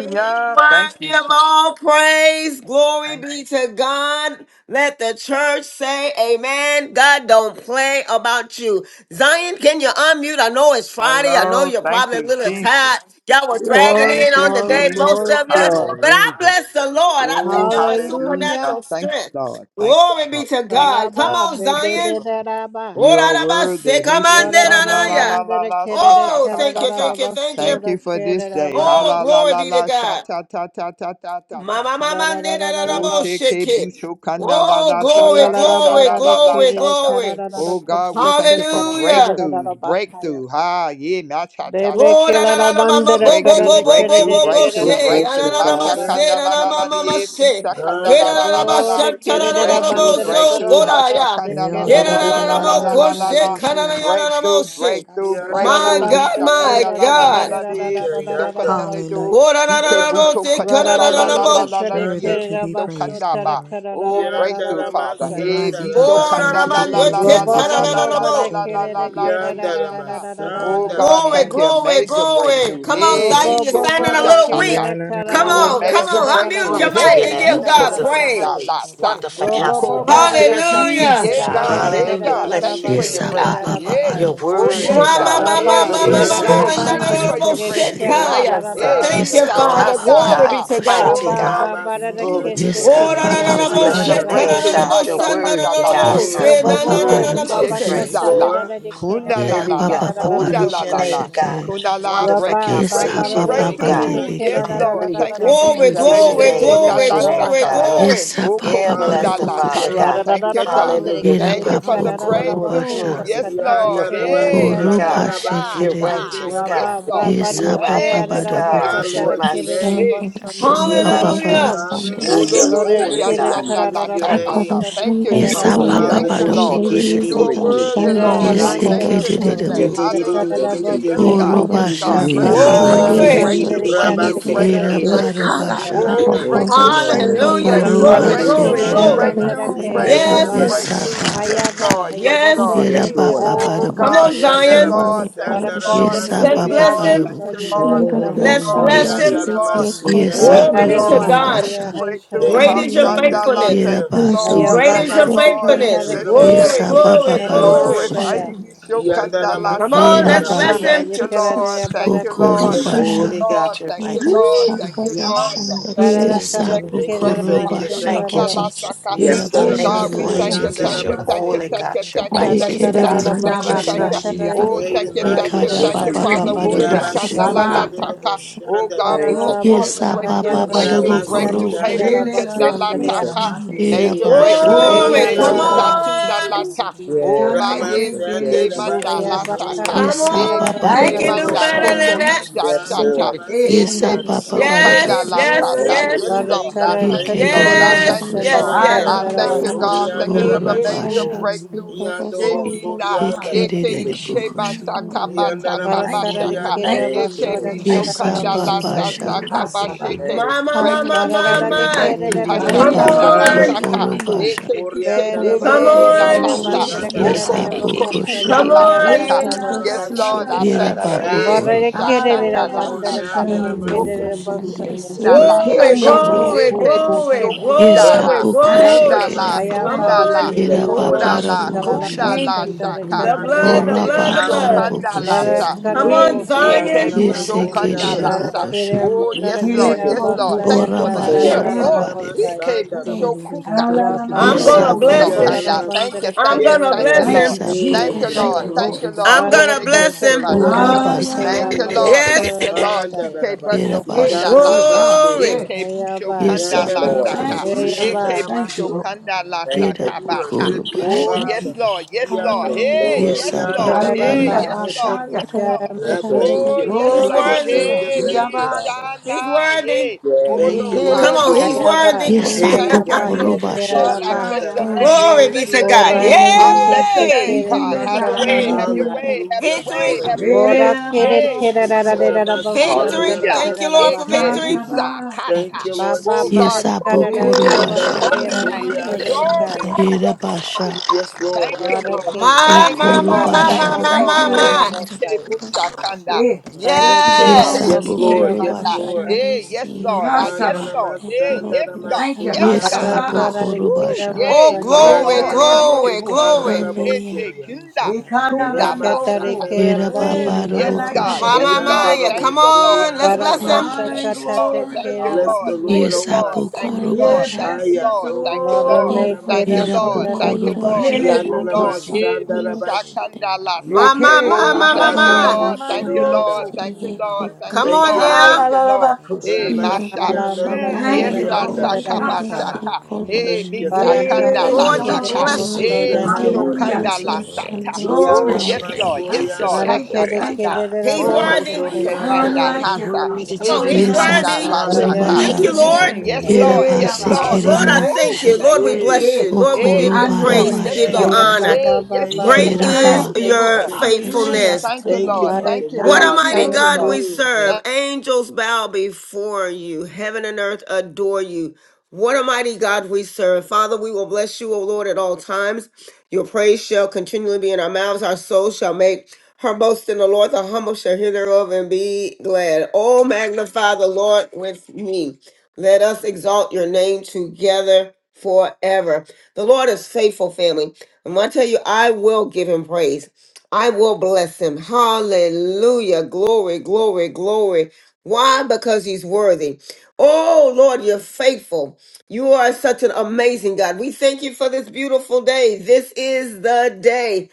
[SPEAKER 1] He's
[SPEAKER 2] Thank
[SPEAKER 1] Worthy
[SPEAKER 2] you,
[SPEAKER 1] of
[SPEAKER 2] Jesus.
[SPEAKER 1] all praise, glory
[SPEAKER 2] Thank
[SPEAKER 1] be to God. Let the church say amen. God don't play about you. Zion, can you unmute? I know it's Friday. I know
[SPEAKER 2] Hello.
[SPEAKER 1] you're
[SPEAKER 2] Thank
[SPEAKER 1] probably a
[SPEAKER 2] you,
[SPEAKER 1] little
[SPEAKER 2] Jesus.
[SPEAKER 1] tired. Y'all was dragging
[SPEAKER 3] Glory,
[SPEAKER 2] Thank
[SPEAKER 1] in on
[SPEAKER 2] you,
[SPEAKER 1] the
[SPEAKER 3] glory,
[SPEAKER 1] day, most
[SPEAKER 2] Jesus.
[SPEAKER 3] glory,
[SPEAKER 1] of you.
[SPEAKER 3] glory.
[SPEAKER 1] But I
[SPEAKER 2] Hallelujah.
[SPEAKER 1] bless the Lord. I
[SPEAKER 2] Oh,
[SPEAKER 1] think it's a
[SPEAKER 3] Hallelujah.
[SPEAKER 2] hallelujah.
[SPEAKER 1] supernatural
[SPEAKER 2] Thank you,
[SPEAKER 1] strength.
[SPEAKER 2] Lord. Thank you,
[SPEAKER 1] Glory be
[SPEAKER 2] Lord.
[SPEAKER 1] to
[SPEAKER 2] Thank you,
[SPEAKER 1] God. Come
[SPEAKER 2] Lord.
[SPEAKER 3] Kalaba,
[SPEAKER 1] on,
[SPEAKER 2] Thank you,
[SPEAKER 1] Zion.
[SPEAKER 2] Lord.
[SPEAKER 3] bedededaba.
[SPEAKER 2] You are worthy.
[SPEAKER 1] Orarabase,
[SPEAKER 2] He
[SPEAKER 1] Come
[SPEAKER 2] said,
[SPEAKER 1] on,
[SPEAKER 2] Shanda la
[SPEAKER 1] Nenanaya.
[SPEAKER 2] la la
[SPEAKER 3] Rorarararabandere
[SPEAKER 2] la sa
[SPEAKER 3] kerere
[SPEAKER 2] ta
[SPEAKER 1] Oh,
[SPEAKER 2] ta
[SPEAKER 1] thank
[SPEAKER 2] ta
[SPEAKER 1] you,
[SPEAKER 2] ta.
[SPEAKER 1] thank you,
[SPEAKER 3] kerarararaba,
[SPEAKER 1] thank you.
[SPEAKER 2] Thank
[SPEAKER 3] sora
[SPEAKER 2] you for this day. Ha
[SPEAKER 1] Oh,
[SPEAKER 3] kererabahai.
[SPEAKER 2] la la
[SPEAKER 1] glory
[SPEAKER 2] la
[SPEAKER 1] be to
[SPEAKER 2] la sha
[SPEAKER 1] God.
[SPEAKER 2] ta ta ta ta ta ta ta
[SPEAKER 1] Mama, mama,
[SPEAKER 2] kama.
[SPEAKER 1] nena, na, na,
[SPEAKER 2] Oh
[SPEAKER 3] Barararararaba.
[SPEAKER 1] mo, shake
[SPEAKER 2] sheke busho kanda la
[SPEAKER 1] Oh,
[SPEAKER 2] la ta
[SPEAKER 1] glory,
[SPEAKER 2] ta ta ta
[SPEAKER 1] glory,
[SPEAKER 2] la la
[SPEAKER 3] Lolarabarare
[SPEAKER 2] la
[SPEAKER 1] glory,
[SPEAKER 2] sha
[SPEAKER 3] kerere
[SPEAKER 2] ta.
[SPEAKER 1] glory.
[SPEAKER 3] karararara,
[SPEAKER 2] Oh God, we
[SPEAKER 3] kosha
[SPEAKER 2] thank you for
[SPEAKER 3] ketara
[SPEAKER 1] Hallelujah.
[SPEAKER 2] breakthroughs,
[SPEAKER 3] kererararabahai.
[SPEAKER 2] breakthrough. Ha yeah, ma cha cha
[SPEAKER 3] Bebe
[SPEAKER 2] cha
[SPEAKER 1] Glory, na,
[SPEAKER 2] cha
[SPEAKER 1] na,
[SPEAKER 2] cha.
[SPEAKER 1] na, na, mama,
[SPEAKER 3] kelarabandere
[SPEAKER 1] bo, bo,
[SPEAKER 2] Breakthrough,
[SPEAKER 3] karare
[SPEAKER 1] bo, bo, bo,
[SPEAKER 2] breakthrough,
[SPEAKER 1] bo, bo,
[SPEAKER 2] breakthrough,
[SPEAKER 4] We
[SPEAKER 3] kerererereraba,
[SPEAKER 1] she.
[SPEAKER 4] thank
[SPEAKER 1] Na,
[SPEAKER 4] you,
[SPEAKER 1] na,
[SPEAKER 2] breakthrough.
[SPEAKER 1] na, na, ma,
[SPEAKER 2] Hasha
[SPEAKER 4] Father.
[SPEAKER 1] se,
[SPEAKER 2] kanda
[SPEAKER 1] na,
[SPEAKER 2] la
[SPEAKER 1] na,
[SPEAKER 2] la
[SPEAKER 3] sorarararabahai.
[SPEAKER 1] ma,
[SPEAKER 2] la
[SPEAKER 1] ma, ma,
[SPEAKER 2] di
[SPEAKER 1] she.
[SPEAKER 2] sisa kanda
[SPEAKER 1] Ye,
[SPEAKER 2] la
[SPEAKER 1] na,
[SPEAKER 2] la
[SPEAKER 1] na, na,
[SPEAKER 2] la
[SPEAKER 1] ma,
[SPEAKER 2] la la.
[SPEAKER 1] sha,
[SPEAKER 3] Glory
[SPEAKER 1] ta, na, na,
[SPEAKER 3] kerera
[SPEAKER 1] na, na,
[SPEAKER 2] Breakthrough,
[SPEAKER 1] mo,
[SPEAKER 3] bandera
[SPEAKER 1] so,
[SPEAKER 4] Andarabasikeyandarabashe.
[SPEAKER 2] breakthrough.
[SPEAKER 1] bo,
[SPEAKER 3] korora
[SPEAKER 1] na,
[SPEAKER 2] Hasha
[SPEAKER 1] ya.
[SPEAKER 3] basse
[SPEAKER 2] kanda la
[SPEAKER 5] Yo
[SPEAKER 1] Ye,
[SPEAKER 2] la
[SPEAKER 5] da
[SPEAKER 1] na,
[SPEAKER 5] da
[SPEAKER 3] kerera
[SPEAKER 4] Thank
[SPEAKER 2] la
[SPEAKER 3] la
[SPEAKER 5] da
[SPEAKER 1] na,
[SPEAKER 4] you,
[SPEAKER 2] la
[SPEAKER 5] da
[SPEAKER 1] na,
[SPEAKER 3] la
[SPEAKER 2] la
[SPEAKER 1] na,
[SPEAKER 3] la
[SPEAKER 2] la
[SPEAKER 5] na
[SPEAKER 1] mo,
[SPEAKER 3] la
[SPEAKER 2] la
[SPEAKER 5] na
[SPEAKER 4] Father.
[SPEAKER 5] na
[SPEAKER 1] ko,
[SPEAKER 2] la
[SPEAKER 5] na
[SPEAKER 2] la
[SPEAKER 5] da
[SPEAKER 1] she,
[SPEAKER 2] la.
[SPEAKER 5] boo
[SPEAKER 3] bahaya.
[SPEAKER 1] ka, na,
[SPEAKER 5] ya
[SPEAKER 1] na,
[SPEAKER 5] da
[SPEAKER 1] ya,
[SPEAKER 5] da
[SPEAKER 1] na,
[SPEAKER 5] ba
[SPEAKER 1] na,
[SPEAKER 5] ba
[SPEAKER 1] mo,
[SPEAKER 2] Breakthrough,
[SPEAKER 5] ya da
[SPEAKER 1] she.
[SPEAKER 5] da da
[SPEAKER 2] breakthrough,
[SPEAKER 5] ba shi
[SPEAKER 3] Rara la
[SPEAKER 1] My
[SPEAKER 5] ya
[SPEAKER 2] breakthrough.
[SPEAKER 5] na na
[SPEAKER 1] God,
[SPEAKER 5] da
[SPEAKER 2] Hisha
[SPEAKER 3] basso
[SPEAKER 5] ba.
[SPEAKER 1] my
[SPEAKER 2] kanda la
[SPEAKER 3] korora
[SPEAKER 2] la la
[SPEAKER 5] Thank you,
[SPEAKER 1] God.
[SPEAKER 2] la
[SPEAKER 3] kerera la
[SPEAKER 2] di
[SPEAKER 3] la la
[SPEAKER 5] Father.
[SPEAKER 3] la
[SPEAKER 2] siso
[SPEAKER 3] la la
[SPEAKER 4] Yandaramasedarabasikeyandar.
[SPEAKER 3] la
[SPEAKER 2] kanda de
[SPEAKER 5] Hallelujah.
[SPEAKER 2] do.
[SPEAKER 3] basaya.
[SPEAKER 1] Oh, na, na, na,
[SPEAKER 2] Hike
[SPEAKER 1] na, mo,
[SPEAKER 2] buto
[SPEAKER 1] te, ka,
[SPEAKER 2] kanda
[SPEAKER 3] Rara
[SPEAKER 1] na,
[SPEAKER 2] la
[SPEAKER 1] na,
[SPEAKER 3] la
[SPEAKER 1] na,
[SPEAKER 2] la
[SPEAKER 1] na,
[SPEAKER 2] la la
[SPEAKER 3] bandera
[SPEAKER 1] mo.
[SPEAKER 2] la la
[SPEAKER 3] kere
[SPEAKER 2] di
[SPEAKER 4] Ramasikandarabashanda.
[SPEAKER 5] Worthy to
[SPEAKER 3] kerera
[SPEAKER 5] be
[SPEAKER 2] siso
[SPEAKER 3] basso
[SPEAKER 5] praised,
[SPEAKER 2] kanda
[SPEAKER 3] tara
[SPEAKER 2] ba.
[SPEAKER 5] Lord.
[SPEAKER 3] kerera la
[SPEAKER 2] Oh,
[SPEAKER 3] la la la
[SPEAKER 2] breakthrough,
[SPEAKER 3] la
[SPEAKER 2] Father.
[SPEAKER 5] From the
[SPEAKER 3] basaya.
[SPEAKER 2] Hey,
[SPEAKER 5] rising of the
[SPEAKER 2] bisho
[SPEAKER 1] Oh, na,
[SPEAKER 5] sun
[SPEAKER 2] kanda
[SPEAKER 1] na,
[SPEAKER 5] to
[SPEAKER 2] la
[SPEAKER 5] the
[SPEAKER 1] man,
[SPEAKER 2] la
[SPEAKER 1] yo,
[SPEAKER 5] going
[SPEAKER 4] Yandaramasandarabaseke.
[SPEAKER 2] la
[SPEAKER 1] te,
[SPEAKER 5] down
[SPEAKER 2] la
[SPEAKER 5] of
[SPEAKER 3] Robo
[SPEAKER 2] la
[SPEAKER 5] the
[SPEAKER 1] ta, na,
[SPEAKER 2] la
[SPEAKER 3] bo
[SPEAKER 1] na,
[SPEAKER 5] same,
[SPEAKER 2] la
[SPEAKER 1] na,
[SPEAKER 3] bo
[SPEAKER 1] na,
[SPEAKER 2] la
[SPEAKER 3] bo
[SPEAKER 2] la
[SPEAKER 5] God,
[SPEAKER 3] de
[SPEAKER 1] mo.
[SPEAKER 5] your
[SPEAKER 2] la la
[SPEAKER 5] name
[SPEAKER 2] la
[SPEAKER 5] will
[SPEAKER 3] kerera
[SPEAKER 5] be
[SPEAKER 2] la
[SPEAKER 3] kerera
[SPEAKER 2] la
[SPEAKER 5] praised.
[SPEAKER 3] la
[SPEAKER 2] la
[SPEAKER 3] la la
[SPEAKER 2] la.
[SPEAKER 3] la la
[SPEAKER 5] Ye
[SPEAKER 3] la
[SPEAKER 5] da
[SPEAKER 3] la
[SPEAKER 5] da
[SPEAKER 2] Oh
[SPEAKER 5] da da
[SPEAKER 4] Yandaramasanda.
[SPEAKER 2] God,
[SPEAKER 5] ba ya
[SPEAKER 1] Glory,
[SPEAKER 2] thank
[SPEAKER 5] na
[SPEAKER 3] basaya.
[SPEAKER 2] you. A
[SPEAKER 5] na na
[SPEAKER 1] glory,
[SPEAKER 5] da da
[SPEAKER 2] major
[SPEAKER 5] ba ba
[SPEAKER 1] glory.
[SPEAKER 5] ya
[SPEAKER 2] breakthrough.
[SPEAKER 5] da
[SPEAKER 1] Come
[SPEAKER 5] da da
[SPEAKER 1] on,
[SPEAKER 2] Hey,
[SPEAKER 5] ba.
[SPEAKER 1] Zion,
[SPEAKER 4] Thank
[SPEAKER 3] Robo
[SPEAKER 1] you're
[SPEAKER 3] bo
[SPEAKER 4] you,
[SPEAKER 2] Mito
[SPEAKER 1] sounding
[SPEAKER 3] bo
[SPEAKER 1] a
[SPEAKER 3] de
[SPEAKER 2] Kuda
[SPEAKER 4] Father.
[SPEAKER 1] little
[SPEAKER 5] Ye
[SPEAKER 2] Tata.
[SPEAKER 3] kerera
[SPEAKER 5] ya
[SPEAKER 1] weak.
[SPEAKER 5] na na
[SPEAKER 3] kara
[SPEAKER 1] Come
[SPEAKER 3] la
[SPEAKER 2] Oh,
[SPEAKER 1] on,
[SPEAKER 3] mandera
[SPEAKER 1] come
[SPEAKER 2] major
[SPEAKER 3] kara la
[SPEAKER 1] on,
[SPEAKER 3] la
[SPEAKER 1] unmute
[SPEAKER 2] breakthroughs.
[SPEAKER 1] your
[SPEAKER 6] Glory
[SPEAKER 5] na
[SPEAKER 6] to
[SPEAKER 5] na
[SPEAKER 1] mic
[SPEAKER 6] your
[SPEAKER 5] da
[SPEAKER 1] and
[SPEAKER 2] Hey,
[SPEAKER 5] da
[SPEAKER 3] bakasaya
[SPEAKER 5] ba
[SPEAKER 6] name,
[SPEAKER 1] give
[SPEAKER 2] you
[SPEAKER 5] ya
[SPEAKER 3] kara
[SPEAKER 5] da
[SPEAKER 3] la
[SPEAKER 1] God
[SPEAKER 5] da
[SPEAKER 2] ko
[SPEAKER 6] Jesus.
[SPEAKER 5] ba ba
[SPEAKER 1] praise.
[SPEAKER 4] Yandarabasikerumosandarabase.
[SPEAKER 2] minda
[SPEAKER 5] ba ya da da ba
[SPEAKER 2] lasa.
[SPEAKER 5] ya na
[SPEAKER 6] Wonderful
[SPEAKER 5] na
[SPEAKER 3] Robo
[SPEAKER 5] na
[SPEAKER 2] Oko
[SPEAKER 5] na
[SPEAKER 6] counselor,
[SPEAKER 1] Woo,
[SPEAKER 5] na
[SPEAKER 3] bobo
[SPEAKER 5] na
[SPEAKER 3] da
[SPEAKER 6] God.
[SPEAKER 5] na
[SPEAKER 3] da
[SPEAKER 6] Prince
[SPEAKER 5] na
[SPEAKER 6] of
[SPEAKER 5] na na
[SPEAKER 3] kashe
[SPEAKER 2] bisheki.
[SPEAKER 5] da
[SPEAKER 6] peace,
[SPEAKER 3] te
[SPEAKER 1] Hallelujah.
[SPEAKER 2] Yeah,
[SPEAKER 3] da
[SPEAKER 5] boo
[SPEAKER 7] Bukushe
[SPEAKER 3] da
[SPEAKER 6] God.
[SPEAKER 3] da
[SPEAKER 2] God.
[SPEAKER 5] ya
[SPEAKER 3] da
[SPEAKER 5] da
[SPEAKER 7] kerere.
[SPEAKER 2] Yeah,
[SPEAKER 3] ke
[SPEAKER 5] da
[SPEAKER 3] da
[SPEAKER 5] ba.
[SPEAKER 6] Hallelujah.
[SPEAKER 3] da
[SPEAKER 2] God.
[SPEAKER 3] da da
[SPEAKER 2] Thank
[SPEAKER 6] Bless
[SPEAKER 2] you
[SPEAKER 6] your
[SPEAKER 2] for
[SPEAKER 4] Hallelujah.
[SPEAKER 2] your
[SPEAKER 7] Yesa
[SPEAKER 6] name,
[SPEAKER 3] basse da
[SPEAKER 6] God.
[SPEAKER 3] da
[SPEAKER 2] breakthrough.
[SPEAKER 3] da
[SPEAKER 7] baba baba
[SPEAKER 2] Hey.
[SPEAKER 7] da
[SPEAKER 6] You're
[SPEAKER 3] bahaya.
[SPEAKER 2] Oh,
[SPEAKER 5] Yadadadadabayada,
[SPEAKER 2] yes,
[SPEAKER 6] worthy,
[SPEAKER 7] bukushe.
[SPEAKER 1] Ma,
[SPEAKER 5] Worthy
[SPEAKER 1] ma,
[SPEAKER 2] God.
[SPEAKER 5] to
[SPEAKER 6] God.
[SPEAKER 1] ma,
[SPEAKER 5] be
[SPEAKER 1] ma,
[SPEAKER 2] Hey,
[SPEAKER 3] Rabba
[SPEAKER 5] praised,
[SPEAKER 1] ma,
[SPEAKER 6] You're
[SPEAKER 1] ma, ma,
[SPEAKER 3] re
[SPEAKER 2] yay,
[SPEAKER 3] da
[SPEAKER 1] ma,
[SPEAKER 5] God.
[SPEAKER 4] Yandaramashanda.
[SPEAKER 3] da
[SPEAKER 7] Yesa
[SPEAKER 3] da
[SPEAKER 2] yay.
[SPEAKER 1] na, na,
[SPEAKER 2] Thank
[SPEAKER 3] bande
[SPEAKER 7] baba
[SPEAKER 2] you
[SPEAKER 3] da
[SPEAKER 1] na,
[SPEAKER 7] da
[SPEAKER 2] for
[SPEAKER 1] na, bo,
[SPEAKER 3] ke
[SPEAKER 2] your
[SPEAKER 3] da da
[SPEAKER 7] bukushe.
[SPEAKER 3] ke
[SPEAKER 2] breakthrough.
[SPEAKER 3] da
[SPEAKER 4] Thank
[SPEAKER 3] da
[SPEAKER 2] Ha.
[SPEAKER 3] da
[SPEAKER 4] you,
[SPEAKER 1] shekaya.
[SPEAKER 3] da da
[SPEAKER 2] Hey,
[SPEAKER 3] da da
[SPEAKER 1] Thank you,
[SPEAKER 7] Yesa
[SPEAKER 4] Father.
[SPEAKER 2] Misha
[SPEAKER 3] basaya.
[SPEAKER 1] Father.
[SPEAKER 2] Kanda.
[SPEAKER 7] baba
[SPEAKER 6] awesome,
[SPEAKER 7] baba da
[SPEAKER 1] Glory
[SPEAKER 6] God.
[SPEAKER 1] be
[SPEAKER 2] Ha.
[SPEAKER 6] You're
[SPEAKER 1] to
[SPEAKER 7] bukushe
[SPEAKER 5] Dadadaboshiadadadadadabayadadadadadadabayadadadabayadadababa.
[SPEAKER 1] God.
[SPEAKER 6] mighty,
[SPEAKER 2] Oh,
[SPEAKER 3] Rabba
[SPEAKER 7] kere.
[SPEAKER 2] God,
[SPEAKER 6] God.
[SPEAKER 3] ba
[SPEAKER 2] we
[SPEAKER 3] ba da da
[SPEAKER 2] receive,
[SPEAKER 6] Glory
[SPEAKER 2] we
[SPEAKER 6] to
[SPEAKER 4] Ramasikanda
[SPEAKER 3] keshe
[SPEAKER 6] your
[SPEAKER 3] ke
[SPEAKER 7] Yesa
[SPEAKER 1] Oh,
[SPEAKER 2] receive,
[SPEAKER 6] name,
[SPEAKER 1] na,
[SPEAKER 3] te
[SPEAKER 2] we
[SPEAKER 1] na,
[SPEAKER 3] da
[SPEAKER 1] na,
[SPEAKER 7] baba
[SPEAKER 1] na,
[SPEAKER 6] Jesus.
[SPEAKER 3] ka
[SPEAKER 1] bo,
[SPEAKER 3] da
[SPEAKER 2] receive
[SPEAKER 7] baba
[SPEAKER 3] da
[SPEAKER 6] Bless
[SPEAKER 7] da
[SPEAKER 2] the
[SPEAKER 3] da
[SPEAKER 6] your
[SPEAKER 4] Raboshotorianda.
[SPEAKER 3] da
[SPEAKER 1] sheka, na,
[SPEAKER 3] da
[SPEAKER 6] name,
[SPEAKER 1] na,
[SPEAKER 2] breakthrough.
[SPEAKER 1] na,
[SPEAKER 7] bukushe.
[SPEAKER 6] God.
[SPEAKER 2] Ha,
[SPEAKER 1] bo,
[SPEAKER 6] You're
[SPEAKER 1] san,
[SPEAKER 3] basoya.
[SPEAKER 1] na, na,
[SPEAKER 2] Shakanda
[SPEAKER 1] na,
[SPEAKER 6] worthy,
[SPEAKER 1] na,
[SPEAKER 6] God.
[SPEAKER 1] bo,
[SPEAKER 7] Yesa
[SPEAKER 2] Lataka.
[SPEAKER 1] se,
[SPEAKER 4] Mm.
[SPEAKER 3] Robo
[SPEAKER 1] na,
[SPEAKER 6] You're
[SPEAKER 7] baba
[SPEAKER 1] na, na,
[SPEAKER 2] Oko
[SPEAKER 7] baba
[SPEAKER 3] bobo
[SPEAKER 1] na,
[SPEAKER 7] da
[SPEAKER 6] worthy
[SPEAKER 3] ba
[SPEAKER 1] na,
[SPEAKER 3] ba
[SPEAKER 1] bo,
[SPEAKER 6] to be
[SPEAKER 3] ba
[SPEAKER 1] se.
[SPEAKER 5] Yonononononodababayadadiyadadabiyadadadadadabayadadadadadabayadadaboshiadadabaya.
[SPEAKER 7] bukushe.
[SPEAKER 4] Yes,
[SPEAKER 6] praised.
[SPEAKER 3] kasha da
[SPEAKER 2] bishekunda
[SPEAKER 3] da
[SPEAKER 4] Lord.
[SPEAKER 3] da da
[SPEAKER 5] Glory,
[SPEAKER 3] ke da
[SPEAKER 2] Kunda
[SPEAKER 3] da da
[SPEAKER 2] la
[SPEAKER 7] Yera
[SPEAKER 3] da
[SPEAKER 2] la
[SPEAKER 3] ke
[SPEAKER 2] la,
[SPEAKER 6] Hallelujah.
[SPEAKER 7] baba
[SPEAKER 3] da da da da
[SPEAKER 5] glory,
[SPEAKER 6] Holy
[SPEAKER 7] baba da
[SPEAKER 2] kunda
[SPEAKER 6] is
[SPEAKER 2] la
[SPEAKER 6] your
[SPEAKER 2] la
[SPEAKER 3] basaya.
[SPEAKER 2] la,
[SPEAKER 7] bukushe
[SPEAKER 6] name, God.
[SPEAKER 7] kere.
[SPEAKER 2] kunda la,
[SPEAKER 6] Wonderful
[SPEAKER 3] Rabba
[SPEAKER 2] breakthrough,
[SPEAKER 6] counselor
[SPEAKER 3] ba
[SPEAKER 7] Yesa
[SPEAKER 3] ba
[SPEAKER 4] Thank
[SPEAKER 6] is
[SPEAKER 2] breakthrough,
[SPEAKER 3] da
[SPEAKER 4] you,
[SPEAKER 6] your
[SPEAKER 7] baba
[SPEAKER 3] da de
[SPEAKER 6] name,
[SPEAKER 4] thank
[SPEAKER 3] ke
[SPEAKER 7] baba
[SPEAKER 4] you,
[SPEAKER 3] da
[SPEAKER 6] God.
[SPEAKER 7] de
[SPEAKER 3] da
[SPEAKER 2] breakthrough.
[SPEAKER 4] thank
[SPEAKER 3] ke
[SPEAKER 4] you.
[SPEAKER 3] da
[SPEAKER 2] Yes,
[SPEAKER 3] da
[SPEAKER 7] bekere.
[SPEAKER 3] da
[SPEAKER 2] Lord,
[SPEAKER 3] da
[SPEAKER 6] Hallelujah.
[SPEAKER 3] da
[SPEAKER 2] thank
[SPEAKER 3] da
[SPEAKER 2] you,
[SPEAKER 6] Prince of
[SPEAKER 1] Glory,
[SPEAKER 2] Jesus.
[SPEAKER 4] Thank
[SPEAKER 6] Peace
[SPEAKER 4] you
[SPEAKER 3] basan
[SPEAKER 6] is
[SPEAKER 3] da
[SPEAKER 4] this
[SPEAKER 6] your
[SPEAKER 3] da
[SPEAKER 1] glory,
[SPEAKER 3] ke
[SPEAKER 6] name.
[SPEAKER 3] da
[SPEAKER 4] morning.
[SPEAKER 3] da
[SPEAKER 2] Heshekinda
[SPEAKER 6] Is
[SPEAKER 1] glory,
[SPEAKER 3] da
[SPEAKER 6] your
[SPEAKER 2] la
[SPEAKER 3] da
[SPEAKER 6] name,
[SPEAKER 1] glory,
[SPEAKER 3] bahaya.
[SPEAKER 6] God.
[SPEAKER 2] sakata,
[SPEAKER 6] Uh,
[SPEAKER 1] glory.
[SPEAKER 7] Yesa baba baba da
[SPEAKER 2] okokinda
[SPEAKER 6] everlasting
[SPEAKER 2] la
[SPEAKER 6] Father,
[SPEAKER 4] Hallelujah.
[SPEAKER 7] bukushe.
[SPEAKER 2] taka.
[SPEAKER 6] God.
[SPEAKER 4] Thank you,
[SPEAKER 2] Thank you, God.
[SPEAKER 3] Rarararabandere
[SPEAKER 4] Father.
[SPEAKER 6] Hallelujah.
[SPEAKER 7] Yera
[SPEAKER 6] King
[SPEAKER 2] Thank
[SPEAKER 3] kerere
[SPEAKER 2] you
[SPEAKER 6] of
[SPEAKER 2] for the
[SPEAKER 7] babu
[SPEAKER 6] kings and the
[SPEAKER 5] hallelujah,
[SPEAKER 3] kararararaba
[SPEAKER 6] Lord of
[SPEAKER 2] breakthrough.
[SPEAKER 3] koşa
[SPEAKER 7] korubasha.
[SPEAKER 6] lords.
[SPEAKER 2] Yes,
[SPEAKER 5] hallelujah.
[SPEAKER 3] katara
[SPEAKER 6] You're
[SPEAKER 4] Yanda
[SPEAKER 2] Lord.
[SPEAKER 5] Thank you,
[SPEAKER 2] Hey,
[SPEAKER 5] Jesus.
[SPEAKER 6] holy,
[SPEAKER 4] Rabasanda
[SPEAKER 6] God.
[SPEAKER 3] kererarararaba.
[SPEAKER 2] me,
[SPEAKER 7] Korubashe
[SPEAKER 2] ya,
[SPEAKER 6] You're
[SPEAKER 5] Glory,
[SPEAKER 7] kere.
[SPEAKER 4] Rabashete
[SPEAKER 5] glory.
[SPEAKER 2] God.
[SPEAKER 6] righteous,
[SPEAKER 2] Yes,
[SPEAKER 3] Raba
[SPEAKER 6] God.
[SPEAKER 2] Lord.
[SPEAKER 3] baba
[SPEAKER 4] Rabasi.
[SPEAKER 7] Yesa
[SPEAKER 6] You're my
[SPEAKER 7] baba
[SPEAKER 3] rirke
[SPEAKER 2] Thank you
[SPEAKER 7] baba
[SPEAKER 6] peace,
[SPEAKER 2] for
[SPEAKER 7] da
[SPEAKER 3] araraba
[SPEAKER 4] My
[SPEAKER 6] God.
[SPEAKER 2] major
[SPEAKER 7] bukushe.
[SPEAKER 6] You're
[SPEAKER 3] katara
[SPEAKER 4] Lord,
[SPEAKER 6] my
[SPEAKER 2] breakthroughs.
[SPEAKER 6] sin,
[SPEAKER 4] today.
[SPEAKER 8] Shande,
[SPEAKER 2] Hey,
[SPEAKER 3] kereraraba
[SPEAKER 6] God.
[SPEAKER 2] shike
[SPEAKER 3] sandere
[SPEAKER 7] Oh,
[SPEAKER 6] You're
[SPEAKER 3] ka.
[SPEAKER 6] my
[SPEAKER 4] Thank you,
[SPEAKER 7] Baba,
[SPEAKER 2] butakanda.
[SPEAKER 1] Hallelujah.
[SPEAKER 6] worship,
[SPEAKER 4] Father.
[SPEAKER 6] God. You're
[SPEAKER 9] Hallelujah.
[SPEAKER 2] Olololu
[SPEAKER 3] Lorere
[SPEAKER 9] Thank
[SPEAKER 6] holy,
[SPEAKER 4] Oh,
[SPEAKER 9] you,
[SPEAKER 3] kere
[SPEAKER 6] God.
[SPEAKER 4] glory
[SPEAKER 2] yashanda la
[SPEAKER 4] to
[SPEAKER 9] Jesus.
[SPEAKER 4] your
[SPEAKER 3] karararaba
[SPEAKER 4] name.
[SPEAKER 2] takaka.
[SPEAKER 3] kaşa
[SPEAKER 6] Magnify.
[SPEAKER 2] Thank you,
[SPEAKER 7] Yesa
[SPEAKER 3] dikeraraba
[SPEAKER 2] Jesus.
[SPEAKER 3] ka.
[SPEAKER 9] Hallelujah.
[SPEAKER 7] baba
[SPEAKER 2] Thank you,
[SPEAKER 7] bada
[SPEAKER 2] Lord.
[SPEAKER 4] Hallelujah.
[SPEAKER 7] bokoshe.
[SPEAKER 2] You are
[SPEAKER 9] Glory to your
[SPEAKER 2] worthy,
[SPEAKER 9] name, Lord.
[SPEAKER 2] Lord. I
[SPEAKER 7] Yese
[SPEAKER 2] thank
[SPEAKER 4] Hallelujah.
[SPEAKER 3] Rarararabandere
[SPEAKER 2] you
[SPEAKER 7] kede de
[SPEAKER 3] ko.
[SPEAKER 7] de
[SPEAKER 2] today.
[SPEAKER 6] The
[SPEAKER 9] Yes,
[SPEAKER 7] bo.
[SPEAKER 3] Yere
[SPEAKER 9] Jesus. Yes,
[SPEAKER 3] kararaba
[SPEAKER 2] Hallelujah.
[SPEAKER 9] Jesus.
[SPEAKER 4] Hallelujah.
[SPEAKER 2] Yes,
[SPEAKER 3] se.
[SPEAKER 2] God.
[SPEAKER 7] Oroba
[SPEAKER 2] Yes, God.
[SPEAKER 4] Thank you,
[SPEAKER 7] shaba
[SPEAKER 3] Raba
[SPEAKER 2] Breakthrough,
[SPEAKER 7] bebe
[SPEAKER 9] Thank you,
[SPEAKER 4] Jesus.
[SPEAKER 2] breakthrough,
[SPEAKER 9] Father.
[SPEAKER 7] kede.
[SPEAKER 1] Glory.
[SPEAKER 10] Eyababarashi.
[SPEAKER 2] breakthrough,
[SPEAKER 3] bambandere
[SPEAKER 9] Yes,
[SPEAKER 3] kerere
[SPEAKER 2] breakthrough,
[SPEAKER 9] Lord.
[SPEAKER 2] breakthrough,
[SPEAKER 7] Yera
[SPEAKER 4] Rabasikanda
[SPEAKER 3] kararaba
[SPEAKER 7] bada
[SPEAKER 2] breakthrough.
[SPEAKER 3] so
[SPEAKER 10] Ekalala.
[SPEAKER 3] yere
[SPEAKER 7] basha.
[SPEAKER 2] Oh,
[SPEAKER 4] robosorianda.
[SPEAKER 9] Glory to your
[SPEAKER 2] breakthrough,
[SPEAKER 9] name, Lord.
[SPEAKER 2] breakthrough,
[SPEAKER 1] Hallelujah.
[SPEAKER 2] breakthrough,
[SPEAKER 4] Yandara
[SPEAKER 3] Arakarara
[SPEAKER 1] Glory,
[SPEAKER 7] Oroba
[SPEAKER 5] Yo
[SPEAKER 7] she
[SPEAKER 9] Hallelujah.
[SPEAKER 1] glory,
[SPEAKER 2] breakthrough,
[SPEAKER 7] kede.
[SPEAKER 4] masandara
[SPEAKER 1] glory.
[SPEAKER 5] Yada
[SPEAKER 3] bandara
[SPEAKER 5] da
[SPEAKER 2] breakthrough,
[SPEAKER 10] Rekelelelebakutu.
[SPEAKER 3] ke
[SPEAKER 5] da da
[SPEAKER 4] maseke
[SPEAKER 5] da
[SPEAKER 9] Thank
[SPEAKER 5] da
[SPEAKER 9] you,
[SPEAKER 5] ba
[SPEAKER 2] breakthrough,
[SPEAKER 5] ya
[SPEAKER 1] Yes,
[SPEAKER 3] ayabaha.
[SPEAKER 9] Jesus.
[SPEAKER 5] da
[SPEAKER 7] Yesa
[SPEAKER 4] rabasha.
[SPEAKER 5] da da
[SPEAKER 2] breakthrough.
[SPEAKER 5] da
[SPEAKER 7] ba.
[SPEAKER 5] da
[SPEAKER 2] Yes,
[SPEAKER 5] da da ba
[SPEAKER 3] Ayaba,
[SPEAKER 5] ya
[SPEAKER 2] Lord.
[SPEAKER 5] da na
[SPEAKER 2] Yes,
[SPEAKER 5] da da
[SPEAKER 1] yes.
[SPEAKER 3] ayabako
[SPEAKER 2] Lord.
[SPEAKER 5] bo
[SPEAKER 9] Yes,
[SPEAKER 7] Yera
[SPEAKER 5] shi ya
[SPEAKER 4] Mm.
[SPEAKER 3] sete
[SPEAKER 5] da
[SPEAKER 9] Lord.
[SPEAKER 5] da
[SPEAKER 7] baba
[SPEAKER 5] ba ya
[SPEAKER 7] bada
[SPEAKER 2] Oh,
[SPEAKER 5] da.
[SPEAKER 1] Come
[SPEAKER 3] larabahaya.
[SPEAKER 2] God.
[SPEAKER 1] on,
[SPEAKER 7] bokoshe.
[SPEAKER 2] Thank you,
[SPEAKER 4] Yandara
[SPEAKER 1] Zion.
[SPEAKER 5] Isha da da
[SPEAKER 2] Lord.
[SPEAKER 5] da ba
[SPEAKER 2] Thank
[SPEAKER 5] ya
[SPEAKER 2] you,
[SPEAKER 5] na
[SPEAKER 4] basandara
[SPEAKER 5] na na
[SPEAKER 2] Lord.
[SPEAKER 5] na
[SPEAKER 3] Barakandara
[SPEAKER 7] Yesa
[SPEAKER 5] na
[SPEAKER 2] Thank
[SPEAKER 5] na
[SPEAKER 2] you,
[SPEAKER 1] Let's
[SPEAKER 5] na
[SPEAKER 7] baba
[SPEAKER 3] kerera
[SPEAKER 1] bless
[SPEAKER 5] da
[SPEAKER 2] Lord.
[SPEAKER 4] rabasorianda
[SPEAKER 5] da
[SPEAKER 7] bada
[SPEAKER 5] ba
[SPEAKER 1] him.
[SPEAKER 4] raba.
[SPEAKER 2] Thank
[SPEAKER 5] ya
[SPEAKER 2] you,
[SPEAKER 5] da
[SPEAKER 3] basari
[SPEAKER 5] da
[SPEAKER 7] bokoshe.
[SPEAKER 5] da
[SPEAKER 2] Lord.
[SPEAKER 5] da ba
[SPEAKER 3] karara
[SPEAKER 2] Thank you,
[SPEAKER 5] ya
[SPEAKER 1] Let's
[SPEAKER 5] da da ba
[SPEAKER 2] Lord.
[SPEAKER 3] basaya.
[SPEAKER 1] bless
[SPEAKER 5] ya.
[SPEAKER 9] Yes,
[SPEAKER 2] Thank you,
[SPEAKER 4] Robosorianda
[SPEAKER 1] him.
[SPEAKER 9] Jesus.
[SPEAKER 2] Lord.
[SPEAKER 9] Yes,
[SPEAKER 5] Ya
[SPEAKER 9] Lord.
[SPEAKER 5] da
[SPEAKER 4] ramasika
[SPEAKER 5] da
[SPEAKER 9] Thank
[SPEAKER 5] da
[SPEAKER 7] Yesa
[SPEAKER 9] you,
[SPEAKER 2] Thank
[SPEAKER 5] da
[SPEAKER 1] Glory
[SPEAKER 2] you,
[SPEAKER 5] da
[SPEAKER 1] be
[SPEAKER 4] yandara
[SPEAKER 5] da
[SPEAKER 9] Father.
[SPEAKER 8] I
[SPEAKER 3] Barara
[SPEAKER 5] da
[SPEAKER 4] bas.
[SPEAKER 7] boko
[SPEAKER 1] to
[SPEAKER 2] Lord.
[SPEAKER 5] da
[SPEAKER 2] Thank
[SPEAKER 7] roba
[SPEAKER 2] you
[SPEAKER 5] da
[SPEAKER 1] God.
[SPEAKER 2] for
[SPEAKER 5] da
[SPEAKER 3] mahaya
[SPEAKER 7] sha.
[SPEAKER 5] da
[SPEAKER 3] hai karara
[SPEAKER 5] na
[SPEAKER 2] breakthrough.
[SPEAKER 4] Thank
[SPEAKER 5] na
[SPEAKER 1] Great
[SPEAKER 4] you,
[SPEAKER 5] na
[SPEAKER 1] is
[SPEAKER 5] na
[SPEAKER 1] your
[SPEAKER 5] ba
[SPEAKER 4] thank
[SPEAKER 5] ya
[SPEAKER 3] basaya.
[SPEAKER 4] you,
[SPEAKER 2] Hashandala.
[SPEAKER 8] am
[SPEAKER 1] faithfulness.
[SPEAKER 4] thank
[SPEAKER 7] Yera
[SPEAKER 2] Thank
[SPEAKER 4] you.
[SPEAKER 2] you,
[SPEAKER 7] ba
[SPEAKER 9] Yes,
[SPEAKER 7] do
[SPEAKER 5] na na
[SPEAKER 2] Lord.
[SPEAKER 1] Great
[SPEAKER 5] na
[SPEAKER 9] Jesus.
[SPEAKER 5] na
[SPEAKER 2] Thank
[SPEAKER 1] is
[SPEAKER 3] Ayabaha
[SPEAKER 5] na
[SPEAKER 2] you,
[SPEAKER 1] your
[SPEAKER 7] bokoshe.
[SPEAKER 5] na
[SPEAKER 8] We
[SPEAKER 5] na
[SPEAKER 2] Lord.
[SPEAKER 5] da
[SPEAKER 2] We
[SPEAKER 5] da
[SPEAKER 1] faithfulness.
[SPEAKER 4] Ramasikanda
[SPEAKER 3] sakatara
[SPEAKER 9] Thank
[SPEAKER 5] da
[SPEAKER 8] worship,
[SPEAKER 9] you.
[SPEAKER 2] bless
[SPEAKER 5] ya
[SPEAKER 2] your
[SPEAKER 9] Thank
[SPEAKER 5] da
[SPEAKER 9] you.
[SPEAKER 3] kerera
[SPEAKER 5] da
[SPEAKER 1] Glory,
[SPEAKER 5] da
[SPEAKER 2] name.
[SPEAKER 7] Yesa
[SPEAKER 8] seek,
[SPEAKER 5] ya
[SPEAKER 3] mandara
[SPEAKER 5] da
[SPEAKER 7] baba
[SPEAKER 4] robosorianda
[SPEAKER 1] glory,
[SPEAKER 8] and
[SPEAKER 5] da
[SPEAKER 2] We
[SPEAKER 5] da
[SPEAKER 3] karara
[SPEAKER 9] Yes,
[SPEAKER 5] da
[SPEAKER 7] bada
[SPEAKER 5] ba ya
[SPEAKER 1] glory.
[SPEAKER 5] da
[SPEAKER 4] rabasi.
[SPEAKER 5] da
[SPEAKER 2] glorify
[SPEAKER 5] da da
[SPEAKER 7] bokoshe.
[SPEAKER 3] basaya.
[SPEAKER 2] you.
[SPEAKER 8] worship.
[SPEAKER 5] ya da da ba shi ya
[SPEAKER 4] Yandara
[SPEAKER 5] da da
[SPEAKER 2] Hishokandala
[SPEAKER 5] ba
[SPEAKER 10] Rekelelelele.
[SPEAKER 1] Come
[SPEAKER 5] ya na
[SPEAKER 1] on,
[SPEAKER 5] na
[SPEAKER 7] Yera
[SPEAKER 9] Lord.
[SPEAKER 2] sata.
[SPEAKER 1] let's
[SPEAKER 5] na
[SPEAKER 4] masandara
[SPEAKER 8] Bless
[SPEAKER 5] na
[SPEAKER 8] you,
[SPEAKER 3] Alaraba,
[SPEAKER 5] da
[SPEAKER 1] bless
[SPEAKER 9] Lord.
[SPEAKER 7] ba
[SPEAKER 4] rabash.
[SPEAKER 1] him.
[SPEAKER 2] Thank you, Lord.
[SPEAKER 3] ayakarara
[SPEAKER 8] Jesus,
[SPEAKER 5] Yada
[SPEAKER 2] Thank you,
[SPEAKER 5] da
[SPEAKER 7] boko
[SPEAKER 3] barakar.
[SPEAKER 9] Yes,
[SPEAKER 5] da ba
[SPEAKER 2] Lord.
[SPEAKER 8] bless
[SPEAKER 5] yada
[SPEAKER 7] roba
[SPEAKER 8] your
[SPEAKER 9] Jesus.
[SPEAKER 2] Thank
[SPEAKER 5] da da ba
[SPEAKER 2] you,
[SPEAKER 6] holy
[SPEAKER 8] name.
[SPEAKER 7] sha.
[SPEAKER 2] Lord.
[SPEAKER 6] God, your
[SPEAKER 2] Thank
[SPEAKER 5] yada na
[SPEAKER 2] you,
[SPEAKER 5] na
[SPEAKER 8] Yero
[SPEAKER 5] na
[SPEAKER 6] righteous
[SPEAKER 5] na
[SPEAKER 2] Lord.
[SPEAKER 6] God.
[SPEAKER 5] da
[SPEAKER 10] Rigo
[SPEAKER 5] da
[SPEAKER 2] Thank you,
[SPEAKER 8] Sokoro
[SPEAKER 2] Lord.
[SPEAKER 10] Yamando.
[SPEAKER 2] Thank you.
[SPEAKER 8] Shandexi,
[SPEAKER 3] Barara
[SPEAKER 2] Breakthrough,
[SPEAKER 7] Yesa
[SPEAKER 3] karara
[SPEAKER 10] Okusia.
[SPEAKER 2] breakthrough,
[SPEAKER 4] Thank you,
[SPEAKER 3] kerera
[SPEAKER 2] breakthrough.
[SPEAKER 4] thank you,
[SPEAKER 3] basaya
[SPEAKER 4] thank
[SPEAKER 6] Thank you,
[SPEAKER 4] you.
[SPEAKER 3] karara.
[SPEAKER 8] Nikoro
[SPEAKER 2] Hashakandala
[SPEAKER 6] Jesus.
[SPEAKER 2] saka.
[SPEAKER 7] Yera
[SPEAKER 9] Yes,
[SPEAKER 4] Yanda
[SPEAKER 2] Oh
[SPEAKER 9] Lord.
[SPEAKER 8] Shandexi,
[SPEAKER 10] Ekele
[SPEAKER 6] Thank
[SPEAKER 8] Yero
[SPEAKER 7] basha
[SPEAKER 6] you,
[SPEAKER 2] God,
[SPEAKER 9] Yes,
[SPEAKER 2] we
[SPEAKER 9] Lord.
[SPEAKER 4] rabasori
[SPEAKER 7] kare
[SPEAKER 6] Lord
[SPEAKER 2] thank you,
[SPEAKER 4] yanda
[SPEAKER 8] Shandexi,
[SPEAKER 6] Jesus.
[SPEAKER 2] thank
[SPEAKER 7] bekere.
[SPEAKER 6] Your
[SPEAKER 2] you,
[SPEAKER 10] Bokushama.
[SPEAKER 2] thank you,
[SPEAKER 6] holy
[SPEAKER 4] rabaseke.
[SPEAKER 2] thank you,
[SPEAKER 6] God, your
[SPEAKER 2] thank you,
[SPEAKER 8] and the equal ocean. I
[SPEAKER 7] Ye
[SPEAKER 8] would
[SPEAKER 2] thank
[SPEAKER 6] righteous
[SPEAKER 2] you,
[SPEAKER 7] kere
[SPEAKER 8] like
[SPEAKER 2] thank
[SPEAKER 7] de
[SPEAKER 9] Thank you,
[SPEAKER 2] you,
[SPEAKER 3] Arakarara
[SPEAKER 7] de
[SPEAKER 8] to be
[SPEAKER 9] Father
[SPEAKER 2] thank you, thank
[SPEAKER 7] bokoshe.
[SPEAKER 2] you.
[SPEAKER 8] Jesus, in the
[SPEAKER 3] basakatara
[SPEAKER 10] Anabakashia.
[SPEAKER 2] Oh,
[SPEAKER 8] family.
[SPEAKER 4] Great
[SPEAKER 3] indara
[SPEAKER 2] thank
[SPEAKER 4] and
[SPEAKER 2] you,
[SPEAKER 7] Ye
[SPEAKER 9] God.
[SPEAKER 2] thank
[SPEAKER 3] karara
[SPEAKER 4] mighty
[SPEAKER 2] you,
[SPEAKER 4] are
[SPEAKER 7] kaja
[SPEAKER 2] thank
[SPEAKER 7] ba
[SPEAKER 4] you.
[SPEAKER 9] Yes,
[SPEAKER 2] you,
[SPEAKER 7] baba
[SPEAKER 3] basaya.
[SPEAKER 7] ba
[SPEAKER 2] Father.
[SPEAKER 8] Yero
[SPEAKER 9] Jesus.
[SPEAKER 7] ba da
[SPEAKER 10] Riga
[SPEAKER 9] Yes,
[SPEAKER 2] Hoshi
[SPEAKER 4] Rabba
[SPEAKER 9] Jesus.
[SPEAKER 7] bokoshe.
[SPEAKER 8] Shandexi,
[SPEAKER 10] Saba.
[SPEAKER 4] Senge
[SPEAKER 2] Kanala
[SPEAKER 4] de
[SPEAKER 6] God.
[SPEAKER 8] Yero
[SPEAKER 4] Robo
[SPEAKER 2] Taka.
[SPEAKER 5] ba
[SPEAKER 8] Shandexi,
[SPEAKER 2] Oh
[SPEAKER 4] Shanda
[SPEAKER 2] God, we
[SPEAKER 9] Thank
[SPEAKER 4] Rabas.
[SPEAKER 9] you,
[SPEAKER 2] thank you
[SPEAKER 10] Oko
[SPEAKER 7] Ye
[SPEAKER 2] for the
[SPEAKER 9] Father
[SPEAKER 7] sa
[SPEAKER 9] God.
[SPEAKER 7] baba
[SPEAKER 2] breakthrough,
[SPEAKER 9] Yes,
[SPEAKER 7] ba
[SPEAKER 10] Shamande.
[SPEAKER 7] ba da
[SPEAKER 6] Shake
[SPEAKER 5] yada
[SPEAKER 2] breakthrough,
[SPEAKER 9] Lord.
[SPEAKER 5] da
[SPEAKER 4] Rama
[SPEAKER 5] ba
[SPEAKER 8] Nikoro
[SPEAKER 2] breakthrough. Hey,
[SPEAKER 7] bokorosh.
[SPEAKER 4] Sikanda
[SPEAKER 2] she
[SPEAKER 10] Rele
[SPEAKER 4] Rabas.
[SPEAKER 8] Shandexi,
[SPEAKER 9] Yes,
[SPEAKER 8] Yero
[SPEAKER 3] Pararabakasayarabakasarabakasandariya.
[SPEAKER 9] Jesus.
[SPEAKER 10] Labakushia
[SPEAKER 2] lataka.
[SPEAKER 5] yada.
[SPEAKER 8] Shandexi,
[SPEAKER 10] Mande.
[SPEAKER 7] Yera
[SPEAKER 2] Major
[SPEAKER 4] Eyanda
[SPEAKER 2] breakthrough.
[SPEAKER 5] Yana
[SPEAKER 7] basha.
[SPEAKER 5] na
[SPEAKER 2] He
[SPEAKER 4] Rama
[SPEAKER 5] na
[SPEAKER 10] Oko
[SPEAKER 1] Glory.
[SPEAKER 9] Thank
[SPEAKER 5] na na
[SPEAKER 1] Come
[SPEAKER 9] you,
[SPEAKER 4] Sanda
[SPEAKER 2] sheki
[SPEAKER 5] na na
[SPEAKER 3] Vekalaraba.
[SPEAKER 9] Lord.
[SPEAKER 5] na
[SPEAKER 10] Shaba.
[SPEAKER 4] Rabas.
[SPEAKER 5] na na
[SPEAKER 2] tatinda
[SPEAKER 5] da ba
[SPEAKER 1] on.
[SPEAKER 8] Jesus.
[SPEAKER 5] yada
[SPEAKER 2] lata.
[SPEAKER 5] da ba shi
[SPEAKER 2] Oh,
[SPEAKER 9] Yes,
[SPEAKER 2] by
[SPEAKER 10] Kane
[SPEAKER 4] Rama
[SPEAKER 9] Jesus.
[SPEAKER 2] yesi
[SPEAKER 8] Hallelujah.
[SPEAKER 9] Yes,
[SPEAKER 4] Sanda
[SPEAKER 10] Bekele
[SPEAKER 2] ke
[SPEAKER 4] Rabas
[SPEAKER 9] Jesus.
[SPEAKER 2] manda
[SPEAKER 10] Boko
[SPEAKER 5] Yoro
[SPEAKER 10] Saba.
[SPEAKER 5] da da ba
[SPEAKER 2] lasaka.
[SPEAKER 7] Ye
[SPEAKER 4] Sekeya.
[SPEAKER 1] Come
[SPEAKER 7] sa
[SPEAKER 5] na
[SPEAKER 2] E
[SPEAKER 5] na
[SPEAKER 7] ba
[SPEAKER 5] na
[SPEAKER 7] ba
[SPEAKER 5] na
[SPEAKER 1] on.
[SPEAKER 7] da
[SPEAKER 5] na
[SPEAKER 1] We
[SPEAKER 2] kike
[SPEAKER 10] Thank
[SPEAKER 5] na
[SPEAKER 1] can
[SPEAKER 9] Thank
[SPEAKER 10] you,
[SPEAKER 5] na
[SPEAKER 1] do
[SPEAKER 5] na
[SPEAKER 9] you,
[SPEAKER 5] na
[SPEAKER 2] manda
[SPEAKER 1] better
[SPEAKER 7] bokoshe.
[SPEAKER 5] na
[SPEAKER 9] Father
[SPEAKER 10] God.
[SPEAKER 5] na
[SPEAKER 4] Yanda
[SPEAKER 3] Vayabakasarakararakararabosaya.
[SPEAKER 9] God.
[SPEAKER 5] da
[SPEAKER 1] than
[SPEAKER 2] koko
[SPEAKER 5] ba
[SPEAKER 10] Thank
[SPEAKER 8] Hallelujah,
[SPEAKER 4] Rama
[SPEAKER 1] that.
[SPEAKER 10] you,
[SPEAKER 5] yada
[SPEAKER 2] lida
[SPEAKER 8] Jesus.
[SPEAKER 9] Yes,
[SPEAKER 10] Jesus.
[SPEAKER 4] Sanda
[SPEAKER 8] Yero
[SPEAKER 2] shata.
[SPEAKER 9] Lord.
[SPEAKER 4] Rama
[SPEAKER 10] Eh,
[SPEAKER 7] Ye
[SPEAKER 2] E
[SPEAKER 7] sa
[SPEAKER 2] te
[SPEAKER 4] Surya
[SPEAKER 5] Yoro
[SPEAKER 7] baba ba
[SPEAKER 5] da
[SPEAKER 2] busho
[SPEAKER 8] Shandexi,
[SPEAKER 4] Rabas.
[SPEAKER 5] da
[SPEAKER 7] ba
[SPEAKER 5] ba
[SPEAKER 7] da
[SPEAKER 8] Yero
[SPEAKER 2] kanda
[SPEAKER 1] Yes,
[SPEAKER 5] yada da ba
[SPEAKER 10] Rekelebro
[SPEAKER 7] bokoshe.
[SPEAKER 8] Shandexi,
[SPEAKER 1] yes,
[SPEAKER 5] yada da
[SPEAKER 9] Thank
[SPEAKER 2] lasata.
[SPEAKER 4] Thank
[SPEAKER 9] you,
[SPEAKER 1] yes.
[SPEAKER 4] you,
[SPEAKER 2] Yes,
[SPEAKER 5] na
[SPEAKER 9] Jesus.
[SPEAKER 5] na
[SPEAKER 2] Lord.
[SPEAKER 4] thank
[SPEAKER 5] na
[SPEAKER 2] I
[SPEAKER 5] na
[SPEAKER 4] you,
[SPEAKER 5] da
[SPEAKER 7] Ye
[SPEAKER 2] thank
[SPEAKER 4] thank
[SPEAKER 7] kere
[SPEAKER 2] you,
[SPEAKER 7] de
[SPEAKER 4] you.
[SPEAKER 10] okoshiamande.
[SPEAKER 2] Lord.
[SPEAKER 8] Jesus.
[SPEAKER 2] I
[SPEAKER 7] de
[SPEAKER 2] thank
[SPEAKER 1] Yes,
[SPEAKER 2] you,
[SPEAKER 7] bokoshe.
[SPEAKER 1] yes,
[SPEAKER 2] Lord.
[SPEAKER 5] na na na
[SPEAKER 1] yes.
[SPEAKER 4] Handa
[SPEAKER 2] I
[SPEAKER 5] na na
[SPEAKER 4] Rama
[SPEAKER 5] na
[SPEAKER 2] thank
[SPEAKER 5] na
[SPEAKER 2] you,
[SPEAKER 9] Thank
[SPEAKER 5] na
[SPEAKER 9] you,
[SPEAKER 10] Alalabaka
[SPEAKER 5] da
[SPEAKER 3] Barakararakarikirabasandarakararabahaya.
[SPEAKER 5] ba
[SPEAKER 2] God.
[SPEAKER 4] Surya
[SPEAKER 2] Thank
[SPEAKER 9] Jesus.
[SPEAKER 5] yada
[SPEAKER 2] you
[SPEAKER 5] da.
[SPEAKER 2] for the
[SPEAKER 7] Oro
[SPEAKER 4] Rabas.
[SPEAKER 2] major
[SPEAKER 7] basha.
[SPEAKER 10] shikelebro
[SPEAKER 2] breakthrough. He
[SPEAKER 4] Yando Bo
[SPEAKER 2] sheki
[SPEAKER 5] Yada da
[SPEAKER 2] na.
[SPEAKER 5] da
[SPEAKER 7] Ye
[SPEAKER 4] Surya
[SPEAKER 5] yada
[SPEAKER 2] E
[SPEAKER 10] okoshamande.
[SPEAKER 7] kere de
[SPEAKER 4] Rabas.
[SPEAKER 2] ke
[SPEAKER 7] de
[SPEAKER 10] Thank
[SPEAKER 9] Yes,
[SPEAKER 5] na
[SPEAKER 10] you,
[SPEAKER 5] na
[SPEAKER 9] Jesus.
[SPEAKER 5] da
[SPEAKER 2] kike
[SPEAKER 5] ba
[SPEAKER 10] Jesus.
[SPEAKER 7] bokoshe.
[SPEAKER 5] yada da ba
[SPEAKER 2] basaka
[SPEAKER 5] yada da
[SPEAKER 4] Yanda
[SPEAKER 5] ba
[SPEAKER 2] bataka
[SPEAKER 4] Rama
[SPEAKER 10] Thank you,
[SPEAKER 4] Surya
[SPEAKER 10] Lord.
[SPEAKER 2] kabachaka.
[SPEAKER 4] Rabas.
[SPEAKER 10] Thank you,
[SPEAKER 9] Thank
[SPEAKER 10] Jesus.
[SPEAKER 9] you,
[SPEAKER 2] Eke
[SPEAKER 9] Lord.
[SPEAKER 5] Yoro
[SPEAKER 7] Ye
[SPEAKER 5] da
[SPEAKER 2] bisho
[SPEAKER 5] ba
[SPEAKER 10] Thank you.
[SPEAKER 7] sa
[SPEAKER 2] kanda
[SPEAKER 5] na
[SPEAKER 7] ba
[SPEAKER 5] da
[SPEAKER 2] la
[SPEAKER 5] ba
[SPEAKER 3] Barakararikarabasarakararabosaya.
[SPEAKER 5] shi
[SPEAKER 2] sasa
[SPEAKER 5] yada
[SPEAKER 7] basha.
[SPEAKER 5] da
[SPEAKER 2] kaba
[SPEAKER 5] yana na
[SPEAKER 10] Kasaba.
[SPEAKER 5] na
[SPEAKER 9] Thank
[SPEAKER 5] ba
[SPEAKER 2] sheke.
[SPEAKER 9] you.
[SPEAKER 1] My,
[SPEAKER 5] yada
[SPEAKER 1] my,
[SPEAKER 5] da ba
[SPEAKER 1] my, my,
[SPEAKER 2] Breakthrough,
[SPEAKER 5] yada.
[SPEAKER 8] Hallelujah.
[SPEAKER 1] my,
[SPEAKER 2] breakthrough,
[SPEAKER 1] my.
[SPEAKER 10] Thank
[SPEAKER 5] Yada
[SPEAKER 2] breakthrough.
[SPEAKER 5] da
[SPEAKER 10] you.
[SPEAKER 5] ba
[SPEAKER 7] Yera
[SPEAKER 9] Yes,
[SPEAKER 5] yada
[SPEAKER 1] Come
[SPEAKER 5] da
[SPEAKER 4] Thank you,
[SPEAKER 9] Lord.
[SPEAKER 7] ba
[SPEAKER 2] Hashakanda la
[SPEAKER 5] na
[SPEAKER 4] Father.
[SPEAKER 1] on.
[SPEAKER 3] Bararararikirararararabahaya.
[SPEAKER 2] saka.
[SPEAKER 7] bokoro
[SPEAKER 10] Aliabakushiamando.
[SPEAKER 7] basha.
[SPEAKER 2] Eke kike
[SPEAKER 4] Orianda
[SPEAKER 5] Yada
[SPEAKER 2] bisho
[SPEAKER 1] Come
[SPEAKER 4] rabase ke
[SPEAKER 2] kunda
[SPEAKER 10] Rekelebro
[SPEAKER 2] la
[SPEAKER 1] on.
[SPEAKER 2] sa.
[SPEAKER 4] ramoshanda
[SPEAKER 9] Thank you,
[SPEAKER 2] Oko
[SPEAKER 7] sa
[SPEAKER 10] koshiama.
[SPEAKER 9] Father.
[SPEAKER 4] rabase.
[SPEAKER 2] tuko
[SPEAKER 3] Berederererabandarakarabakusaya
[SPEAKER 7] bokosho.
[SPEAKER 2] kunga
[SPEAKER 1] Come
[SPEAKER 6] it,
[SPEAKER 2] la
[SPEAKER 1] on.
[SPEAKER 2] saka. Yes,
[SPEAKER 3] kararararabosaya.
[SPEAKER 4] ramasa.
[SPEAKER 2] Lord,
[SPEAKER 6] Shake it.
[SPEAKER 2] I
[SPEAKER 6] Ah,
[SPEAKER 10] Elababasha.
[SPEAKER 7] Yera
[SPEAKER 6] da
[SPEAKER 2] thank
[SPEAKER 6] da
[SPEAKER 2] you.
[SPEAKER 7] ba
[SPEAKER 6] da
[SPEAKER 9] Yes,
[SPEAKER 2] Hey,
[SPEAKER 9] Lord.
[SPEAKER 4] Yani.
[SPEAKER 7] bokoro
[SPEAKER 2] misha
[SPEAKER 7] basha.
[SPEAKER 2] kanda la
[SPEAKER 6] da Shake
[SPEAKER 2] saka.
[SPEAKER 6] it.
[SPEAKER 4] Orianda
[SPEAKER 10] Alalalabakushiamande.
[SPEAKER 4] ramasa.
[SPEAKER 2] Oko kike
[SPEAKER 9] Thank
[SPEAKER 3] Bararikirarabandarakararikarabosaya.
[SPEAKER 9] you.
[SPEAKER 4] Give
[SPEAKER 2] kinda
[SPEAKER 4] us
[SPEAKER 2] la
[SPEAKER 1] Glory,
[SPEAKER 2] shata.
[SPEAKER 6] Shake
[SPEAKER 4] direction
[SPEAKER 10] Rekelebro
[SPEAKER 6] it.
[SPEAKER 4] this
[SPEAKER 1] glory,
[SPEAKER 4] morning.
[SPEAKER 2] Eke
[SPEAKER 1] glory,
[SPEAKER 2] busho
[SPEAKER 10] kokosaba.
[SPEAKER 7] Yes,
[SPEAKER 2] kunda
[SPEAKER 1] glory,
[SPEAKER 2] la.
[SPEAKER 10] Thank
[SPEAKER 7] abukoshe
[SPEAKER 4] Ramasianda
[SPEAKER 10] you,
[SPEAKER 2] Kunda
[SPEAKER 1] glory.
[SPEAKER 10] Jesus.
[SPEAKER 2] la,
[SPEAKER 7] kere.
[SPEAKER 4] ramasa.
[SPEAKER 1] Come
[SPEAKER 10] Thank you,
[SPEAKER 3] Ayaba,
[SPEAKER 2] kunda
[SPEAKER 10] Lord.
[SPEAKER 2] la,
[SPEAKER 1] on.
[SPEAKER 4] Can't
[SPEAKER 9] Yes,
[SPEAKER 7] Yera
[SPEAKER 4] do it
[SPEAKER 9] Lord.
[SPEAKER 3] Ekelabo,
[SPEAKER 2] kunda
[SPEAKER 4] without
[SPEAKER 7] babara
[SPEAKER 8] Bless
[SPEAKER 4] you,
[SPEAKER 8] your
[SPEAKER 2] la,
[SPEAKER 4] Lord.
[SPEAKER 8] name,
[SPEAKER 2] kunda
[SPEAKER 7] bukosha.
[SPEAKER 8] Jesus.
[SPEAKER 10] Thank
[SPEAKER 3] Ekalalabosa,
[SPEAKER 2] la
[SPEAKER 10] you,
[SPEAKER 2] shaka.
[SPEAKER 1] The
[SPEAKER 10] Jesus.
[SPEAKER 4] Ianda
[SPEAKER 3] Tarakadarea,
[SPEAKER 1] blood,
[SPEAKER 10] Thank
[SPEAKER 1] the
[SPEAKER 10] you,
[SPEAKER 4] ramasa.
[SPEAKER 7] Ora
[SPEAKER 2] Eke
[SPEAKER 1] blood,
[SPEAKER 10] Lord.
[SPEAKER 1] the
[SPEAKER 2] busho
[SPEAKER 8] Bless your
[SPEAKER 7] babara
[SPEAKER 1] blood.
[SPEAKER 8] name,
[SPEAKER 4] ramasa.
[SPEAKER 2] kanda la
[SPEAKER 7] bukoshe.
[SPEAKER 8] Jesus.
[SPEAKER 2] sa.
[SPEAKER 9] Yes,
[SPEAKER 1] Come
[SPEAKER 9] Jesus.
[SPEAKER 10] Eh,
[SPEAKER 1] on,
[SPEAKER 8] Hallelujah.
[SPEAKER 10] yaba,
[SPEAKER 3] Barakarabosaya,
[SPEAKER 4] Ianda
[SPEAKER 2] Eke
[SPEAKER 1] Zion.
[SPEAKER 10] shi,
[SPEAKER 7] Yes,
[SPEAKER 4] ramasa.
[SPEAKER 2] busho
[SPEAKER 7] kere
[SPEAKER 10] amando.
[SPEAKER 2] kanda
[SPEAKER 7] de
[SPEAKER 4] Orianda
[SPEAKER 2] lasa.
[SPEAKER 7] bukosha.
[SPEAKER 4] rabase
[SPEAKER 3] Barakira,
[SPEAKER 4] ke
[SPEAKER 2] Oh, yes,
[SPEAKER 9] Thank
[SPEAKER 10] Ekele,
[SPEAKER 2] Lord.
[SPEAKER 3] Madarakira,
[SPEAKER 9] you,
[SPEAKER 8] Hallelujah.
[SPEAKER 2] Yes,
[SPEAKER 4] rabosori.
[SPEAKER 2] Lord.
[SPEAKER 10] broko,
[SPEAKER 9] Jesus.
[SPEAKER 3] Basaya,
[SPEAKER 2] Thank you
[SPEAKER 7] Ora
[SPEAKER 8] Thank
[SPEAKER 2] for
[SPEAKER 9] Yes,
[SPEAKER 8] you,
[SPEAKER 2] the
[SPEAKER 10] shiki,
[SPEAKER 9] Lord.
[SPEAKER 7] basha
[SPEAKER 2] shift.
[SPEAKER 4] Ianda
[SPEAKER 8] Jesus.
[SPEAKER 2] Oh,
[SPEAKER 10] ileba.
[SPEAKER 7] babare
[SPEAKER 3] Rarabosaya,
[SPEAKER 4] ramasa.
[SPEAKER 2] Ike
[SPEAKER 7] bekere.
[SPEAKER 4] Anda
[SPEAKER 2] busho
[SPEAKER 8] Thank you,
[SPEAKER 4] rabase.
[SPEAKER 2] kunga.
[SPEAKER 3] Rabba,
[SPEAKER 1] I'm
[SPEAKER 10] Alalamando,
[SPEAKER 7] Yes,
[SPEAKER 1] going
[SPEAKER 2] Ike
[SPEAKER 1] to
[SPEAKER 2] busho
[SPEAKER 8] God.
[SPEAKER 1] bless
[SPEAKER 10] kosha.
[SPEAKER 1] him.
[SPEAKER 3] Bakora,
[SPEAKER 2] kanda.
[SPEAKER 8] Hallelujah.
[SPEAKER 7] abukoshe.
[SPEAKER 2] Thank
[SPEAKER 4] ramasa.
[SPEAKER 2] you,
[SPEAKER 1] I'm
[SPEAKER 2] thank you,
[SPEAKER 9] Yes,
[SPEAKER 1] going to
[SPEAKER 3] Bandarakira,
[SPEAKER 2] thank you,
[SPEAKER 9] Lord.
[SPEAKER 1] bless
[SPEAKER 10] Thank
[SPEAKER 1] him.
[SPEAKER 7] Yes,
[SPEAKER 2] Lord.
[SPEAKER 10] you,
[SPEAKER 3] Basaya,
[SPEAKER 9] Bless
[SPEAKER 2] Thank
[SPEAKER 10] Jesus.
[SPEAKER 2] you,
[SPEAKER 5] Oh
[SPEAKER 9] you,
[SPEAKER 4] Hey.
[SPEAKER 5] no
[SPEAKER 8] Bless
[SPEAKER 5] no
[SPEAKER 7] abukoshe.
[SPEAKER 8] your
[SPEAKER 10] Thank
[SPEAKER 2] Lord.
[SPEAKER 5] no
[SPEAKER 8] name,
[SPEAKER 10] you,
[SPEAKER 9] Lord.
[SPEAKER 5] no
[SPEAKER 2] Thank
[SPEAKER 10] Lord.
[SPEAKER 2] you,
[SPEAKER 5] no no
[SPEAKER 8] Jesus.
[SPEAKER 2] Lord.
[SPEAKER 1] I'm
[SPEAKER 5] no no
[SPEAKER 1] going
[SPEAKER 5] no
[SPEAKER 1] to
[SPEAKER 2] Hoshe
[SPEAKER 5] na na na
[SPEAKER 1] bless
[SPEAKER 4] Bless
[SPEAKER 5] ba
[SPEAKER 4] the
[SPEAKER 3] Barakasa,
[SPEAKER 2] kike
[SPEAKER 5] ya
[SPEAKER 1] him.
[SPEAKER 5] da da ba
[SPEAKER 9] Yes,
[SPEAKER 4] Lord,
[SPEAKER 5] ya
[SPEAKER 7] Ora
[SPEAKER 4] oh
[SPEAKER 2] bashaka.
[SPEAKER 5] da da
[SPEAKER 4] my
[SPEAKER 5] ba
[SPEAKER 9] Jesus.
[SPEAKER 10] Ay,
[SPEAKER 5] ya na
[SPEAKER 7] basa.
[SPEAKER 5] na
[SPEAKER 2] Thank
[SPEAKER 3] Tatarakea,
[SPEAKER 5] na
[SPEAKER 2] you,
[SPEAKER 5] na
[SPEAKER 4] soul.
[SPEAKER 10] amando.
[SPEAKER 8] Hallelujah.
[SPEAKER 5] na
[SPEAKER 9] Yes,
[SPEAKER 5] ba
[SPEAKER 2] Lord.
[SPEAKER 5] ya
[SPEAKER 9] Jesus.
[SPEAKER 5] da
[SPEAKER 2] Thank
[SPEAKER 1] Yes.
[SPEAKER 3] Bakora,
[SPEAKER 5] da
[SPEAKER 2] you,
[SPEAKER 5] ba ya
[SPEAKER 2] Lord.
[SPEAKER 5] da
[SPEAKER 4] Handa
[SPEAKER 5] da
[SPEAKER 3] Basaya,
[SPEAKER 4] da
[SPEAKER 5] da
[SPEAKER 4] da
[SPEAKER 5] ba
[SPEAKER 2] Ike
[SPEAKER 5] ya da
[SPEAKER 7] Yera
[SPEAKER 5] da
[SPEAKER 2] busho
[SPEAKER 8] Thank
[SPEAKER 5] ba
[SPEAKER 8] you,
[SPEAKER 5] ya
[SPEAKER 10] Hey,
[SPEAKER 8] my
[SPEAKER 4] basika
[SPEAKER 2] kunda
[SPEAKER 4] na
[SPEAKER 7] basha.
[SPEAKER 4] na
[SPEAKER 8] God.
[SPEAKER 10] hey,
[SPEAKER 2] lasa.
[SPEAKER 5] ya da
[SPEAKER 10] God.
[SPEAKER 5] da da
[SPEAKER 1] Glory.
[SPEAKER 5] ba
[SPEAKER 4] masoria.
[SPEAKER 10] Yes.
[SPEAKER 5] ya
[SPEAKER 2] Eke
[SPEAKER 5] da da ba
[SPEAKER 2] busho
[SPEAKER 5] ya na
[SPEAKER 3] Ayaba,
[SPEAKER 5] na
[SPEAKER 7] Yes,
[SPEAKER 2] kanda
[SPEAKER 9] Yes,
[SPEAKER 5] na
[SPEAKER 4] Yanda
[SPEAKER 5] na
[SPEAKER 4] da
[SPEAKER 5] na
[SPEAKER 4] da
[SPEAKER 8] Thank
[SPEAKER 9] Lord.
[SPEAKER 8] you,
[SPEAKER 7] abukoro
[SPEAKER 2] lasaka.
[SPEAKER 10] Thank you,
[SPEAKER 8] Jesus.
[SPEAKER 7] basha.
[SPEAKER 4] masoria
[SPEAKER 5] isha da
[SPEAKER 4] anda
[SPEAKER 10] Jesus.
[SPEAKER 5] da
[SPEAKER 3] Ayaba,
[SPEAKER 2] Eke
[SPEAKER 4] da
[SPEAKER 5] da
[SPEAKER 8] Hallelujah.
[SPEAKER 5] ba
[SPEAKER 10] Thank
[SPEAKER 5] ya
[SPEAKER 10] you,
[SPEAKER 2] busho
[SPEAKER 5] da
[SPEAKER 4] mashe.
[SPEAKER 5] da
[SPEAKER 10] Lord.
[SPEAKER 5] da ba
[SPEAKER 2] kanda
[SPEAKER 5] ya da da ba
[SPEAKER 9] Thank
[SPEAKER 7] Yera
[SPEAKER 9] you,
[SPEAKER 5] ya
[SPEAKER 2] lasaka
[SPEAKER 5] na
[SPEAKER 4] You
[SPEAKER 5] na
[SPEAKER 4] are a
[SPEAKER 9] Jesus.
[SPEAKER 2] bata.
[SPEAKER 4] good,
[SPEAKER 7] bukoro
[SPEAKER 4] good
[SPEAKER 5] ya
[SPEAKER 10] Thank
[SPEAKER 2] Oh,
[SPEAKER 7] basha.
[SPEAKER 5] na
[SPEAKER 10] you,
[SPEAKER 3] Ekelaba,
[SPEAKER 5] na
[SPEAKER 4] father.
[SPEAKER 2] yes,
[SPEAKER 5] na
[SPEAKER 10] Jesus.
[SPEAKER 5] na
[SPEAKER 2] Lord.
[SPEAKER 5] na da ba
[SPEAKER 2] Yes,
[SPEAKER 5] ya
[SPEAKER 4] Yanda
[SPEAKER 5] da
[SPEAKER 2] Lord.
[SPEAKER 5] da
[SPEAKER 9] Yes,
[SPEAKER 4] da
[SPEAKER 5] ba ya
[SPEAKER 8] Hallelujah.
[SPEAKER 5] da
[SPEAKER 2] Hey,
[SPEAKER 5] da ba
[SPEAKER 9] Lord.
[SPEAKER 7] Yes,
[SPEAKER 5] ya
[SPEAKER 2] yes,
[SPEAKER 5] da
[SPEAKER 4] masoria anda
[SPEAKER 2] Lord.
[SPEAKER 4] da
[SPEAKER 7] ababara
[SPEAKER 5] ya
[SPEAKER 2] Hey,
[SPEAKER 10] Hallelujah,
[SPEAKER 5] da da
[SPEAKER 2] yes,
[SPEAKER 5] ba
[SPEAKER 4] masike.
[SPEAKER 5] ya
[SPEAKER 7] bukoshe.
[SPEAKER 5] na
[SPEAKER 2] Lord.
[SPEAKER 5] na
[SPEAKER 10] Bashaya.
[SPEAKER 2] Yes,
[SPEAKER 5] na na na
[SPEAKER 3] Ekelaba,
[SPEAKER 2] Lord.
[SPEAKER 5] na
[SPEAKER 4] And
[SPEAKER 5] da
[SPEAKER 9] Thank
[SPEAKER 4] I
[SPEAKER 5] ba
[SPEAKER 9] you,
[SPEAKER 5] shi
[SPEAKER 9] Jesus.
[SPEAKER 5] ya
[SPEAKER 4] thank
[SPEAKER 2] Oh,
[SPEAKER 5] da
[SPEAKER 4] you,
[SPEAKER 5] da ba
[SPEAKER 3] Ekelaba,
[SPEAKER 2] yes,
[SPEAKER 1] He's
[SPEAKER 9] Thank
[SPEAKER 4] thank
[SPEAKER 10] Glory
[SPEAKER 9] you,
[SPEAKER 4] you,
[SPEAKER 10] be
[SPEAKER 2] Lord.
[SPEAKER 10] to
[SPEAKER 1] worthy.
[SPEAKER 9] Lord.
[SPEAKER 4] thank
[SPEAKER 10] God.
[SPEAKER 4] you,
[SPEAKER 8] Iroroshandererekaroshande.
[SPEAKER 2] Hey,
[SPEAKER 5] isha
[SPEAKER 9] Your
[SPEAKER 5] da da
[SPEAKER 4] thank
[SPEAKER 5] ba
[SPEAKER 2] me,
[SPEAKER 9] name,
[SPEAKER 5] ya
[SPEAKER 4] you.
[SPEAKER 5] da da ba
[SPEAKER 9] Father.
[SPEAKER 10] Yabasha.
[SPEAKER 5] ya da da
[SPEAKER 1] He's
[SPEAKER 5] ba ya
[SPEAKER 2] Shana,
[SPEAKER 5] na da da
[SPEAKER 1] worthy.
[SPEAKER 2] yeah.
[SPEAKER 5] da ba shi
[SPEAKER 2] Oh,
[SPEAKER 9] Yes,
[SPEAKER 5] ya
[SPEAKER 4] Thank
[SPEAKER 5] da
[SPEAKER 4] you,
[SPEAKER 8] Me,
[SPEAKER 5] da
[SPEAKER 9] you
[SPEAKER 2] Lord,
[SPEAKER 5] ba
[SPEAKER 4] Lord
[SPEAKER 1] Come
[SPEAKER 10] Ekele,
[SPEAKER 9] worthy,
[SPEAKER 8] God.
[SPEAKER 1] on, he's
[SPEAKER 4] Jesus.
[SPEAKER 5] ya
[SPEAKER 2] Basaka.
[SPEAKER 5] da
[SPEAKER 9] God.
[SPEAKER 10] broko,
[SPEAKER 5] da ba
[SPEAKER 3] Hayaba,
[SPEAKER 5] ya
[SPEAKER 7] Yes,
[SPEAKER 5] na
[SPEAKER 10] sha.
[SPEAKER 2] Mm,
[SPEAKER 5] na na
[SPEAKER 4] Hey,
[SPEAKER 8] Worthy,
[SPEAKER 5] na
[SPEAKER 2] thank you,
[SPEAKER 1] worthy.
[SPEAKER 5] na
[SPEAKER 3] Keraba,
[SPEAKER 1] <laughs>
[SPEAKER 5] ba
[SPEAKER 4] yanda
[SPEAKER 7] abukoro
[SPEAKER 4] da
[SPEAKER 5] shi
[SPEAKER 8] worthy,
[SPEAKER 2] Jesus.
[SPEAKER 5] ya da da
[SPEAKER 7] basha.
[SPEAKER 2] God,
[SPEAKER 9] Yes,
[SPEAKER 5] ba
[SPEAKER 2] I
[SPEAKER 4] masoria
[SPEAKER 3] Keraba,
[SPEAKER 9] Jesus.
[SPEAKER 4] anda
[SPEAKER 2] bless
[SPEAKER 4] da
[SPEAKER 2] your
[SPEAKER 4] mashe.
[SPEAKER 2] name.
[SPEAKER 8] worthy,
[SPEAKER 5] Yada
[SPEAKER 2] I
[SPEAKER 1] Glory
[SPEAKER 8] God.
[SPEAKER 10] Alamande,
[SPEAKER 1] be
[SPEAKER 2] bless
[SPEAKER 1] to
[SPEAKER 2] your
[SPEAKER 1] God.
[SPEAKER 2] name.
[SPEAKER 3] Bora
[SPEAKER 4] Thank you,
[SPEAKER 10] ekele,
[SPEAKER 2] I
[SPEAKER 4] Lord
[SPEAKER 3] Meneke,
[SPEAKER 8] Hallelujah.
[SPEAKER 2] bless your
[SPEAKER 1] Yay!
[SPEAKER 4] Jesus.
[SPEAKER 2] name,
[SPEAKER 3] Sekere,
[SPEAKER 2] God. Have your way.
[SPEAKER 3] Mandaraba,
[SPEAKER 2] Have
[SPEAKER 10] Ikilebrakaya,
[SPEAKER 2] your
[SPEAKER 8] Hallelujah.
[SPEAKER 3] Saya,
[SPEAKER 2] way. Have your
[SPEAKER 4] Hallelujah,
[SPEAKER 1] Victory,
[SPEAKER 2] way. Have your
[SPEAKER 4] hallelujah.
[SPEAKER 2] way.
[SPEAKER 3] Bora
[SPEAKER 8] Thank
[SPEAKER 3] Kere,
[SPEAKER 8] you,
[SPEAKER 2] Hey,
[SPEAKER 10] Relelamano
[SPEAKER 8] Jesus.
[SPEAKER 10] Kusia,
[SPEAKER 2] Shisho,
[SPEAKER 3] Keraraba,
[SPEAKER 2] Buka,
[SPEAKER 4] Ramasia
[SPEAKER 1] victory.
[SPEAKER 4] na na
[SPEAKER 3] Sandere,
[SPEAKER 9] Hallelujah.
[SPEAKER 2] Tanda,
[SPEAKER 4] mas.
[SPEAKER 1] Thank you, Lord,
[SPEAKER 3] Keraraba,
[SPEAKER 1] for
[SPEAKER 2] Eke,
[SPEAKER 3] Hai,
[SPEAKER 9] Thank you,
[SPEAKER 1] victory.
[SPEAKER 9] Jesus.
[SPEAKER 2] Busa,
[SPEAKER 10] Kasaba,
[SPEAKER 8] Thank you,
[SPEAKER 4] Thank
[SPEAKER 2] Kata.
[SPEAKER 4] you, Lord
[SPEAKER 3] Baba,
[SPEAKER 2] Oh,
[SPEAKER 8] Jesus.
[SPEAKER 4] Jesus.
[SPEAKER 7] Yes,
[SPEAKER 2] God,
[SPEAKER 3] Bara,
[SPEAKER 2] glory to
[SPEAKER 7] abukoro
[SPEAKER 3] Kararaba,
[SPEAKER 10] Re
[SPEAKER 2] your
[SPEAKER 4] Yanda
[SPEAKER 3] Bora
[SPEAKER 2] most
[SPEAKER 4] la
[SPEAKER 7] basha.
[SPEAKER 2] holy
[SPEAKER 3] Kera,
[SPEAKER 4] masori
[SPEAKER 2] name.
[SPEAKER 10] Kosiamande.
[SPEAKER 4] yanda la
[SPEAKER 2] Glory
[SPEAKER 3] Masonikaya,
[SPEAKER 2] to
[SPEAKER 7] Yera
[SPEAKER 2] your most
[SPEAKER 8] Iroroshandererekaroshande.
[SPEAKER 2] holy
[SPEAKER 7] basha.
[SPEAKER 4] Yes,
[SPEAKER 2] name.
[SPEAKER 5] Yada
[SPEAKER 4] Lord.
[SPEAKER 2] Thank you,
[SPEAKER 4] Yes,
[SPEAKER 3] Bora
[SPEAKER 2] Lord.
[SPEAKER 4] Lord.
[SPEAKER 3] Ke,
[SPEAKER 1] My,
[SPEAKER 2] Thank you,
[SPEAKER 1] my,
[SPEAKER 3] Eder,
[SPEAKER 10] Thank
[SPEAKER 1] my,
[SPEAKER 10] you,
[SPEAKER 2] Lord.
[SPEAKER 1] my,
[SPEAKER 2] Thank
[SPEAKER 10] Jesus.
[SPEAKER 1] my,
[SPEAKER 7] Bukorobasha.
[SPEAKER 2] you,
[SPEAKER 1] my,
[SPEAKER 10] Thank
[SPEAKER 3] Kararamondra,
[SPEAKER 2] Lord.
[SPEAKER 1] my,
[SPEAKER 10] you, Lord.
[SPEAKER 2] Hey,
[SPEAKER 1] my.
[SPEAKER 3] Kararaba,
[SPEAKER 2] Shike
[SPEAKER 3] Saya,
[SPEAKER 8] Iroroshandererekaroshande.
[SPEAKER 2] Bushakanda.
[SPEAKER 10] Re,
[SPEAKER 3] Bara
[SPEAKER 10] listen, belong to
[SPEAKER 7] Yesa
[SPEAKER 1] Yes.
[SPEAKER 3] Keraraba,
[SPEAKER 10] you,
[SPEAKER 4] Yes,
[SPEAKER 10] Lord.
[SPEAKER 2] KKKK
[SPEAKER 4] Lord.
[SPEAKER 3] Bora,
[SPEAKER 4] Yes,
[SPEAKER 8] Yorulur
[SPEAKER 2] Manda.
[SPEAKER 7] Bukorobasha.
[SPEAKER 4] Lord.
[SPEAKER 3] Masaya,
[SPEAKER 2] Hey,
[SPEAKER 8] shandesi
[SPEAKER 2] yes, Lord. Ah,
[SPEAKER 8] yekorur
[SPEAKER 2] yes,
[SPEAKER 10] Ikasaba.
[SPEAKER 2] Lord.
[SPEAKER 8] shande
[SPEAKER 2] Hey, yes,
[SPEAKER 8] yorulur
[SPEAKER 2] God.
[SPEAKER 10] Thank you,
[SPEAKER 2] Yes,
[SPEAKER 8] shandesi
[SPEAKER 2] God.
[SPEAKER 3] Bara
[SPEAKER 7] Yesa
[SPEAKER 2] Ah,
[SPEAKER 10] Hasaba.
[SPEAKER 8] korur
[SPEAKER 4] Hananamasandaramasuryandarabashe.
[SPEAKER 3] Karare,
[SPEAKER 8] shande.
[SPEAKER 2] woo,
[SPEAKER 3] Kera,
[SPEAKER 7] Bukorobasha.
[SPEAKER 1] Oh,
[SPEAKER 2] yay,
[SPEAKER 3] Masaya,
[SPEAKER 2] my
[SPEAKER 1] glory,
[SPEAKER 2] Lord. Thank you,
[SPEAKER 4] Ikandanamasi
[SPEAKER 1] glory,
[SPEAKER 10] Ekelebrokosia.
[SPEAKER 2] Jesus.
[SPEAKER 1] glory.
[SPEAKER 2] Hey,
[SPEAKER 8] Hallelujah.
[SPEAKER 5] Yada
[SPEAKER 4] kandarabosuria.
[SPEAKER 2] Shekinda. Kunda
[SPEAKER 3] Dakatare,
[SPEAKER 2] Bashaka.
[SPEAKER 10] Ekanamanoko.
[SPEAKER 7] Yera
[SPEAKER 3] Keraraba,
[SPEAKER 2] Mm,
[SPEAKER 4] Ramasandaramasekhe.
[SPEAKER 8] Yea,
[SPEAKER 7] Babaro
[SPEAKER 10] None
[SPEAKER 2] yes,
[SPEAKER 10] like
[SPEAKER 8] korur
[SPEAKER 10] you,
[SPEAKER 2] God.
[SPEAKER 1] My,
[SPEAKER 7] Bokoshe.
[SPEAKER 10] Lord.
[SPEAKER 2] Yes,
[SPEAKER 3] Sumanana,
[SPEAKER 1] my,
[SPEAKER 8] shande.
[SPEAKER 10] None
[SPEAKER 2] God.
[SPEAKER 1] my.
[SPEAKER 10] like
[SPEAKER 1] Yeah,
[SPEAKER 10] you.
[SPEAKER 2] Thank
[SPEAKER 1] Come
[SPEAKER 2] you, Lord.
[SPEAKER 1] on. Let's
[SPEAKER 2] Thank you,
[SPEAKER 1] bless
[SPEAKER 2] Lord.
[SPEAKER 1] him.
[SPEAKER 8] Thank you,
[SPEAKER 10] Honor
[SPEAKER 4] Iandorobosuryandarabashe.
[SPEAKER 2] Thank
[SPEAKER 10] and
[SPEAKER 2] you,
[SPEAKER 8] Jesus.
[SPEAKER 2] Lord.
[SPEAKER 10] glory
[SPEAKER 2] Thank
[SPEAKER 3] Barakashakatakera
[SPEAKER 2] you,
[SPEAKER 8] Hallelujah.
[SPEAKER 10] belong
[SPEAKER 4] Bless
[SPEAKER 10] to
[SPEAKER 2] Lord.
[SPEAKER 4] the
[SPEAKER 10] you, Lord.
[SPEAKER 2] Thank
[SPEAKER 4] Lord,
[SPEAKER 2] you,
[SPEAKER 4] O
[SPEAKER 7] Yesa
[SPEAKER 4] my
[SPEAKER 2] Lord. Thank
[SPEAKER 4] soul.
[SPEAKER 2] you,
[SPEAKER 10] Yeah,
[SPEAKER 2] Lord.
[SPEAKER 7] Bukorobasha.
[SPEAKER 8] Hallelujah.
[SPEAKER 2] Thank you,
[SPEAKER 10] blessings,
[SPEAKER 2] Lord. Thank you, Lord.
[SPEAKER 8] Yea,
[SPEAKER 10] oh,
[SPEAKER 2] Thank
[SPEAKER 8] korur
[SPEAKER 2] you,
[SPEAKER 3] Baramekera
[SPEAKER 7] Yera
[SPEAKER 4] Ayandoboshandaramasiya.
[SPEAKER 2] Lord.
[SPEAKER 8] shande
[SPEAKER 3] Mundara
[SPEAKER 2] Thank you, Lord.
[SPEAKER 8] yorulur
[SPEAKER 10] Ikele
[SPEAKER 3] Basaya
[SPEAKER 7] Bukorobasha.
[SPEAKER 2] Thank you, Lord.
[SPEAKER 10] brokosia.
[SPEAKER 8] shandesi
[SPEAKER 2] Hey,
[SPEAKER 8] korur
[SPEAKER 2] Misha
[SPEAKER 4] Yananamasandarabashe.
[SPEAKER 8] shande.
[SPEAKER 2] Kandalasa.
[SPEAKER 1] My, my,
[SPEAKER 10] Leke
[SPEAKER 1] my,
[SPEAKER 2] Oh,
[SPEAKER 1] my, my,
[SPEAKER 2] thank you,
[SPEAKER 1] my.
[SPEAKER 10] babashaya
[SPEAKER 8] Korur
[SPEAKER 2] Lord. Thank you, Lord.
[SPEAKER 8] shandesi
[SPEAKER 10] mandoko.
[SPEAKER 2] Thank
[SPEAKER 4] Ikandorobosuryandarabashe.
[SPEAKER 2] you, Lord. Thank
[SPEAKER 8] yekorur
[SPEAKER 1] Come
[SPEAKER 2] you,
[SPEAKER 4] Thank
[SPEAKER 8] shande.
[SPEAKER 1] on
[SPEAKER 4] you,
[SPEAKER 2] Lord. Thank
[SPEAKER 1] now.
[SPEAKER 4] Lord.
[SPEAKER 10] Ikala
[SPEAKER 2] you, Lord. Hey,
[SPEAKER 10] lalabakushna.
[SPEAKER 2] Masha.
[SPEAKER 8] Yorulur
[SPEAKER 3] Harala
[SPEAKER 8] shande
[SPEAKER 2] Mm,
[SPEAKER 10] Thank
[SPEAKER 2] yes,
[SPEAKER 3] Manakara
[SPEAKER 10] you,
[SPEAKER 2] sir,
[SPEAKER 10] Lord.
[SPEAKER 8] yorulur
[SPEAKER 3] Kerera
[SPEAKER 2] Sakaba
[SPEAKER 4] Ramasiandaramusoriandarabashi.
[SPEAKER 3] Baha
[SPEAKER 10] Ikasaba.
[SPEAKER 8] shandesi
[SPEAKER 2] Shaka.
[SPEAKER 8] korur
[SPEAKER 2] Hey,
[SPEAKER 4] Thank you,
[SPEAKER 8] shande.
[SPEAKER 2] Misa
[SPEAKER 4] thank you,
[SPEAKER 10] Yeah,
[SPEAKER 3] Barakara
[SPEAKER 4] thank
[SPEAKER 2] Kandala
[SPEAKER 10] you
[SPEAKER 1] Lord,
[SPEAKER 4] you.
[SPEAKER 6] Thank you,
[SPEAKER 1] we
[SPEAKER 10] are the
[SPEAKER 2] Shaka.
[SPEAKER 3] Kerera
[SPEAKER 10] great
[SPEAKER 1] bless
[SPEAKER 6] Jesus.
[SPEAKER 10] I
[SPEAKER 8] Hallelujah.
[SPEAKER 1] you.
[SPEAKER 2] Hey,
[SPEAKER 10] am.
[SPEAKER 3] Bosoya
[SPEAKER 4] Thank you,
[SPEAKER 8] Shande
[SPEAKER 2] Busho
[SPEAKER 4] Lord
[SPEAKER 3] Namaha
[SPEAKER 10] Hallelujah.
[SPEAKER 6] Glory to
[SPEAKER 2] Kandala
[SPEAKER 6] your
[SPEAKER 8] yorulur
[SPEAKER 4] Jesus.
[SPEAKER 6] name,
[SPEAKER 2] Sata.
[SPEAKER 8] shande.
[SPEAKER 6] Jesus.
[SPEAKER 2] Oh,
[SPEAKER 10] Glory be
[SPEAKER 6] Bless your
[SPEAKER 10] to
[SPEAKER 2] yes,
[SPEAKER 10] God.
[SPEAKER 8] Everywhere,
[SPEAKER 6] name,
[SPEAKER 2] Lord.
[SPEAKER 8] God.
[SPEAKER 2] Yes,
[SPEAKER 10] Thank you,
[SPEAKER 2] Lord.
[SPEAKER 6] Jesus. You're
[SPEAKER 10] thank
[SPEAKER 2] Hasha
[SPEAKER 10] you,
[SPEAKER 4] Yanaramasoriandarabas.
[SPEAKER 3] Barakere
[SPEAKER 6] worthy,
[SPEAKER 10] thank
[SPEAKER 2] Kanda.
[SPEAKER 10] you.
[SPEAKER 6] God.
[SPEAKER 3] Kerera
[SPEAKER 1] He's
[SPEAKER 2] Oh,
[SPEAKER 8] Have
[SPEAKER 5] Yanana,
[SPEAKER 8] your
[SPEAKER 1] worthy.
[SPEAKER 8] way,
[SPEAKER 5] worthy,
[SPEAKER 3] Bosakaya
[SPEAKER 2] Koshike
[SPEAKER 1] <laughs>
[SPEAKER 5] worthy,
[SPEAKER 10] None
[SPEAKER 2] Manda
[SPEAKER 3] Bahaya
[SPEAKER 5] worthy
[SPEAKER 10] like
[SPEAKER 6] You're
[SPEAKER 5] to
[SPEAKER 8] God.
[SPEAKER 4] Ramasoriandaramashi.
[SPEAKER 10] you,
[SPEAKER 5] be
[SPEAKER 2] Hasa.
[SPEAKER 6] worthy
[SPEAKER 10] Father.
[SPEAKER 5] praised,
[SPEAKER 1] Come
[SPEAKER 5] God.
[SPEAKER 6] to
[SPEAKER 2] Hey,
[SPEAKER 1] on.
[SPEAKER 6] be
[SPEAKER 10] None,
[SPEAKER 1] He's
[SPEAKER 2] Ke
[SPEAKER 10] none, none
[SPEAKER 7] Yesa
[SPEAKER 5] Oh
[SPEAKER 6] praised,
[SPEAKER 2] Manda
[SPEAKER 10] like
[SPEAKER 1] worthy.
[SPEAKER 2] La
[SPEAKER 6] God.
[SPEAKER 5] Lord,
[SPEAKER 6] You're
[SPEAKER 5] we
[SPEAKER 8] Hallelujah.
[SPEAKER 3] Baya
[SPEAKER 5] exalt
[SPEAKER 2] Shaka.
[SPEAKER 1] Thank
[SPEAKER 6] worthy
[SPEAKER 5] your
[SPEAKER 7] Bukorobasha.
[SPEAKER 4] Hallelujah.
[SPEAKER 1] you,
[SPEAKER 6] to
[SPEAKER 5] name.
[SPEAKER 6] be
[SPEAKER 1] Lord.
[SPEAKER 2] Mm,
[SPEAKER 8] Hallelujah.
[SPEAKER 3] Bakashita
[SPEAKER 2] yes,
[SPEAKER 10] you.
[SPEAKER 6] praised,
[SPEAKER 5] Thank you,
[SPEAKER 7] Yera
[SPEAKER 6] God.
[SPEAKER 2] Lord.
[SPEAKER 4] Thank you,
[SPEAKER 2] Yes,
[SPEAKER 10] Yeah,
[SPEAKER 6] Thank
[SPEAKER 5] Father,
[SPEAKER 6] you,
[SPEAKER 7] Basi
[SPEAKER 5] for
[SPEAKER 2] Lord.
[SPEAKER 6] Jesus.
[SPEAKER 10] Yabasha.
[SPEAKER 5] allowing
[SPEAKER 1] Lord,
[SPEAKER 4] Father.
[SPEAKER 7] Kerero
[SPEAKER 2] Come
[SPEAKER 5] us
[SPEAKER 2] on.
[SPEAKER 1] I
[SPEAKER 6] You're
[SPEAKER 8] Worthy,
[SPEAKER 5] to
[SPEAKER 10] Thank
[SPEAKER 5] see
[SPEAKER 10] you
[SPEAKER 1] thank
[SPEAKER 2] Oh,
[SPEAKER 10] for
[SPEAKER 5] another
[SPEAKER 7] Bokosho.
[SPEAKER 1] you.
[SPEAKER 10] this
[SPEAKER 2] thank
[SPEAKER 1] Lord,
[SPEAKER 5] day,
[SPEAKER 2] you,
[SPEAKER 1] we
[SPEAKER 10] day.
[SPEAKER 8] worthy,
[SPEAKER 5] God.
[SPEAKER 4] Yay.
[SPEAKER 2] Jesus.
[SPEAKER 1] bless
[SPEAKER 10] Yeah.
[SPEAKER 1] you. Lord,
[SPEAKER 5] We
[SPEAKER 4] Thank
[SPEAKER 1] we
[SPEAKER 4] you,
[SPEAKER 5] just
[SPEAKER 1] give
[SPEAKER 2] Hey,
[SPEAKER 1] you
[SPEAKER 4] Lord,
[SPEAKER 2] yes,
[SPEAKER 8] worthy,
[SPEAKER 5] give
[SPEAKER 4] for
[SPEAKER 5] your
[SPEAKER 2] Lord.
[SPEAKER 1] praise.
[SPEAKER 4] this
[SPEAKER 1] We
[SPEAKER 2] Yes,
[SPEAKER 5] name
[SPEAKER 8] worthy,
[SPEAKER 1] give
[SPEAKER 5] all
[SPEAKER 10] Mandokoshia.
[SPEAKER 1] you
[SPEAKER 7] Bokorobarabashe.
[SPEAKER 2] Lord.
[SPEAKER 4] day.
[SPEAKER 3] Aya
[SPEAKER 8] worthy,
[SPEAKER 5] praise,
[SPEAKER 6] worthy,
[SPEAKER 8] worthy.
[SPEAKER 1] honor.
[SPEAKER 5] honor,
[SPEAKER 3] Baba
[SPEAKER 6] God.
[SPEAKER 2] Hey,
[SPEAKER 5] and
[SPEAKER 3] Baba
[SPEAKER 2] yes,
[SPEAKER 5] glory,
[SPEAKER 4] Thank
[SPEAKER 5] God.
[SPEAKER 4] you,
[SPEAKER 2] Lord.
[SPEAKER 1] Great
[SPEAKER 3] baba
[SPEAKER 7] Yera
[SPEAKER 2] Yes,
[SPEAKER 4] Lord,
[SPEAKER 1] is
[SPEAKER 2] Lord.
[SPEAKER 4] for
[SPEAKER 10] Thank
[SPEAKER 7] Ba.
[SPEAKER 10] you,
[SPEAKER 4] new
[SPEAKER 2] Yes,
[SPEAKER 10] Lord.
[SPEAKER 1] your
[SPEAKER 2] Lord.
[SPEAKER 3] Basaya
[SPEAKER 5] Hallelujah.
[SPEAKER 4] strength.
[SPEAKER 8] Thank you,
[SPEAKER 2] Mm,
[SPEAKER 10] Hallelujah.
[SPEAKER 8] Jesus.
[SPEAKER 1] faithfulness.
[SPEAKER 2] thank you,
[SPEAKER 4] Thank you,
[SPEAKER 2] Lord.
[SPEAKER 8] Hallelujah.
[SPEAKER 4] Father.
[SPEAKER 2] Thank you,
[SPEAKER 1] What
[SPEAKER 3] Barakari
[SPEAKER 1] a
[SPEAKER 10] Thank
[SPEAKER 4] New,
[SPEAKER 2] Lord.
[SPEAKER 10] you
[SPEAKER 1] mighty
[SPEAKER 2] Thank
[SPEAKER 10] for
[SPEAKER 4] new,
[SPEAKER 2] you,
[SPEAKER 3] Kora
[SPEAKER 1] God we
[SPEAKER 4] new.
[SPEAKER 2] Lord.
[SPEAKER 1] serve.
[SPEAKER 3] Basaya
[SPEAKER 1] Angels bow before you. Heaven and earth adore you. What a mighty God we serve. Father, we will bless you, O Lord, at all times. Your praise shall continually be in our mouths. Our soul shall make her boast in the Lord. The humble shall hear thereof and be glad. Oh, magnify the Lord with me. Let us exalt your name together forever. The Lord is faithful, family. I'm going to tell you, I will give him praise. I will bless him. Hallelujah. Glory, glory, glory. Why? Because he's worthy. Oh, Lord, you're faithful. You are such an amazing God. We thank you for this beautiful day. This is the day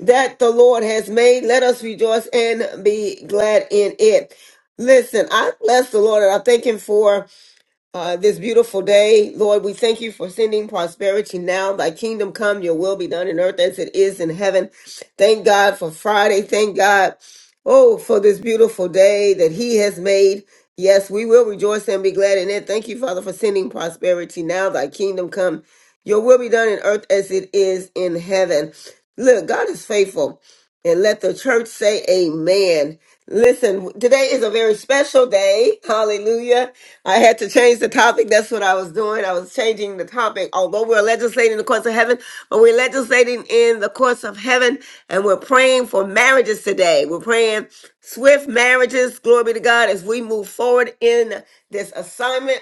[SPEAKER 1] that the Lord has made. Let us rejoice and be glad in it. Listen, I bless the Lord and I thank him for uh, this beautiful day. Lord, we thank you for sending prosperity now. Thy kingdom come, your will be done in earth as it is in heaven. Thank God for Friday. Thank God, oh, for this beautiful day that He has made. Yes, we will rejoice and be glad in it. Thank you, Father, for sending prosperity now. Thy kingdom come, your will be done in earth as it is in heaven. Look, God is faithful. And let the church say amen. Listen, today is a very special day. Hallelujah. I had to change the topic. That's what I was doing. I was changing the topic. Although we're legislating in the courts of heaven, but we're legislating in the courts of heaven and we're praying for marriages today. We're praying swift marriages. Glory be to God as we move forward in this assignment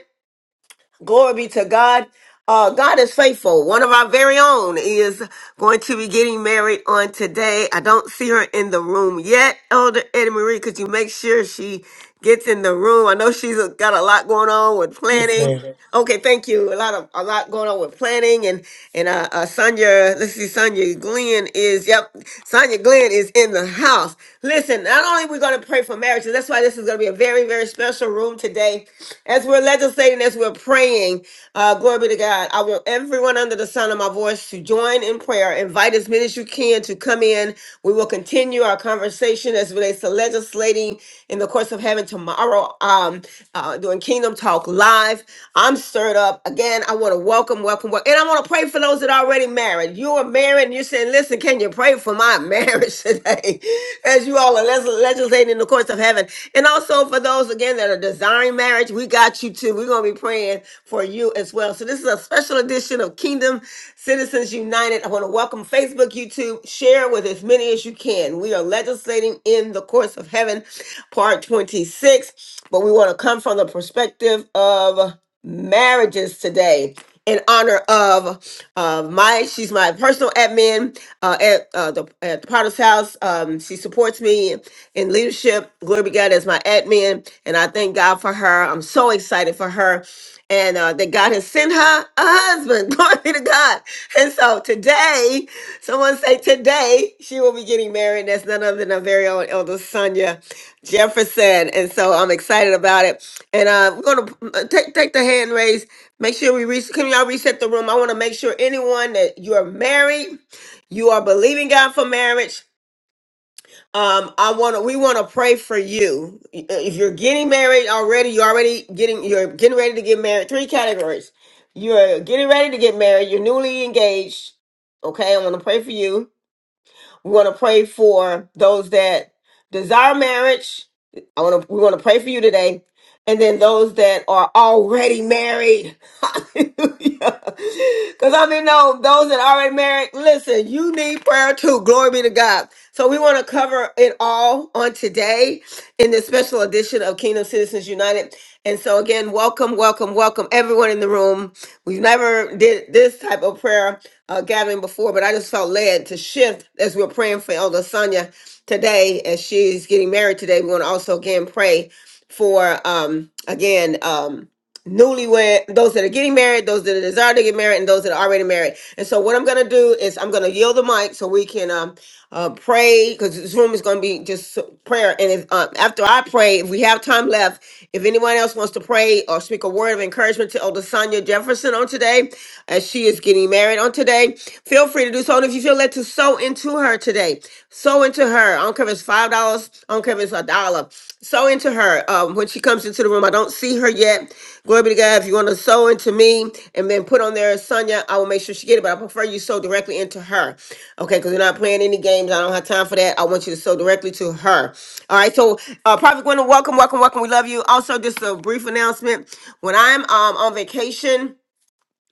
[SPEAKER 1] Glory be to God. Uh, God is faithful. One of our very own is going to be getting married on today. I don't see her in the room yet, Elder Eddie Marie. Could you make sure she gets in the room? I know she's got a lot going on with
[SPEAKER 4] Yes,
[SPEAKER 1] planning.
[SPEAKER 4] ma'am.
[SPEAKER 1] Okay, thank you. A lot of a lot going on with planning and and uh, uh Sonya. Let's see, Sonya Glenn is yep. Sonya Glenn is in the house. Listen, not only we're going to pray for marriages. That's why this is going to be a very very special room room today. As we're legislating, as we're praying, uh, glory be to God. I want everyone under the sound of my voice to join in prayer. Invite as many as you can to come in. We will continue our conversation as it relates to legislating in the course of having tomorrow um, uh, doing Kingdom Talk Live. I'm stirred up. Again, I want to welcome, welcome, welcome. And I want to pray for those that are already married. You are married and you're saying, listen, can you pray for my marriage <laughs> today? as you all are les- legislating in the course the courts of heaven. And also for those again that are desiring marriage, we got you too. We're gonna be praying for you as well. So this is a special edition of Kingdom Citizens United. I want to welcome Facebook, YouTube, share with as many as you can. We are legislating in the courts of heaven, part 26. But we want to come from the perspective of marriages today in honor of uh, my she's my personal admin uh, at, uh, the, at the potter's house um, she supports me in leadership glory be god as my admin and i thank god for her i'm so excited for her and uh, that God has sent her a husband. <laughs> Glory be to God. And so today, someone say today, she will be getting married. That's none other than our very own Elder Sonia Jefferson. And so I'm excited about it. And uh, we're going to take, take the hand raise. Make sure we reset. Can y'all reset the room? I want to make sure anyone that you are married, you are believing God for marriage um i want to we want to pray for you if you're getting married already you're already getting you're getting ready to get married three categories you're getting ready to get married you're newly engaged okay i want to pray for you we want to pray for those that desire marriage i want to we want to pray for you today and then those that are already married. <laughs> Hallelujah. Because I mean, no, those that are already married, listen, you need prayer too. Glory be to God. So we want to cover it all on today in this special edition of Kingdom Citizens United. And so again, welcome, welcome, welcome everyone in the room. We've never did this type of prayer uh, gathering before, but I just felt led to shift as we're praying for Elder Sonia today as she's getting married today. We want to also again pray for um again um newlywed those that are getting married those that are desire to get married and those that are already married and so what i'm going to do is i'm going to yield the mic so we can um uh, pray because this room is going to be just so- prayer. And if, uh, after I pray, if we have time left, if anyone else wants to pray or speak a word of encouragement to Elder Sonia Jefferson on today, as she is getting married on today, feel free to do so. And if you feel led to sow into her today, sow into her. I don't care if it's five dollars. I don't care if it's a dollar. Sow into her um, when she comes into the room. I don't see her yet. Glory be to God. If you want to sow into me and then put on there Sonya, I will make sure she get it. But I prefer you sow directly into her. Okay, because we're not playing any games. I don't have time for that. I want you to sow directly to her. All right. So uh Prophet Gwendolyn, welcome, welcome, welcome. We love you. Also, just a brief announcement. When I'm um on vacation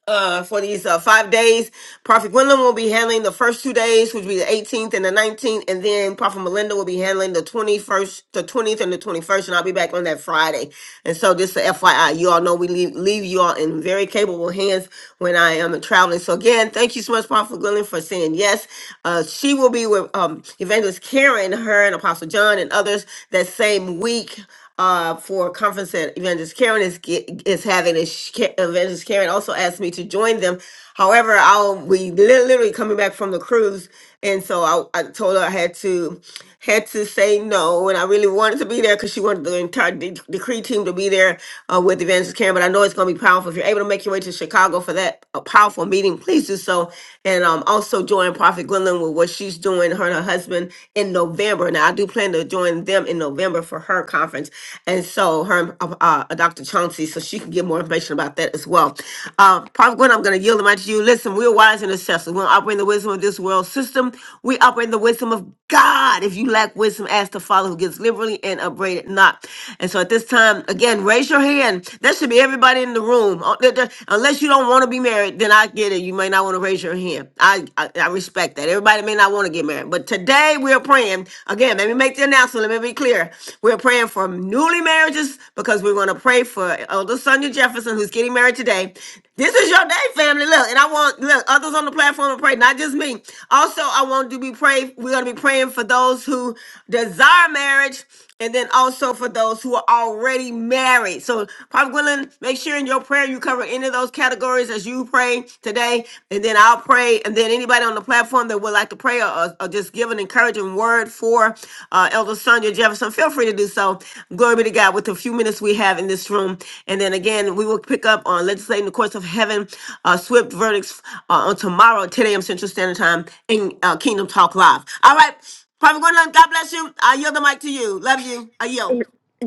[SPEAKER 1] uh, for these uh, five days. Prophet Gwendolyn will be handling the first two days, which will be the 18th and the 19th, and then Prophet Melinda will be handling the 21st, the 20th, and the 21st, and I'll be back on that Friday. And so, just a FYI, you all know we leave, leave you all in very capable hands when I am traveling. So, again, thank you so much, Prophet Gwendolyn, for saying yes. Uh, she will be with um, Evangelist Karen, her and Apostle John, and others that same week uh, for a conference that Evangelist Karen is ge- is having. And she, Ka- Evangelist Karen also asked me to join them. However, I'll we li- literally coming back from the cruise, and so I, I told her I had to had to say no, and I really wanted to be there because she wanted the entire de- decree team to be there uh, with Evangelist Karen. But I know it's going to be powerful. If you're able to make your way to Chicago for that uh, powerful meeting, please do so, and um, also join Prophet Gwendolyn with what she's doing. Her and her husband in November. Now, I do plan to join them in November for her conference. And so, her, uh, uh, Dr. Chauncey, so she can get more information about that as well. Uh, Prophet Gwen, I'm going to yield the mic to you. Listen, we're wise and assessors. We don't operate in the wisdom of this world system. We operate in the wisdom of God. If you lack wisdom, ask the Father who gives liberally and upbraided not. And so, at this time, again, raise your hand. That should be everybody in the room. Uh, there- there- Unless you don't want to be married, then I get it. You may not want to raise your raise your hand. I, I I respect that. Everybody may not want to get married, but today we're praying. Again, let me make the announcement. Let me be clear. We're praying for newly marriages because we're going to pray for Elder Sonia Jefferson, who's getting married today. This is your day, family. Look, and I want look others on the platform to pray, not just me. Also, I want to be pray. We're going to be praying for those who desire marriage and then also for those who are already married. So, Prophet Gwendolyn, make sure in your your prayer, you cover any of those categories as you pray today, and then I'll pray, and then anybody on the platform that would like to pray or, or just give an encouraging word for uh, Elder Sonia Jefferson, feel free to do so. Glory be to God with the few minutes we have in this room, and then again we will pick up on legislating the courts of heaven, uh, swift verdicts uh, on tomorrow, 10 a.m. Central Standard Time in uh, Kingdom Talk Live. All right, Prophet Gwendolyn, God bless you. I yield the mic to you. Love you. I yield.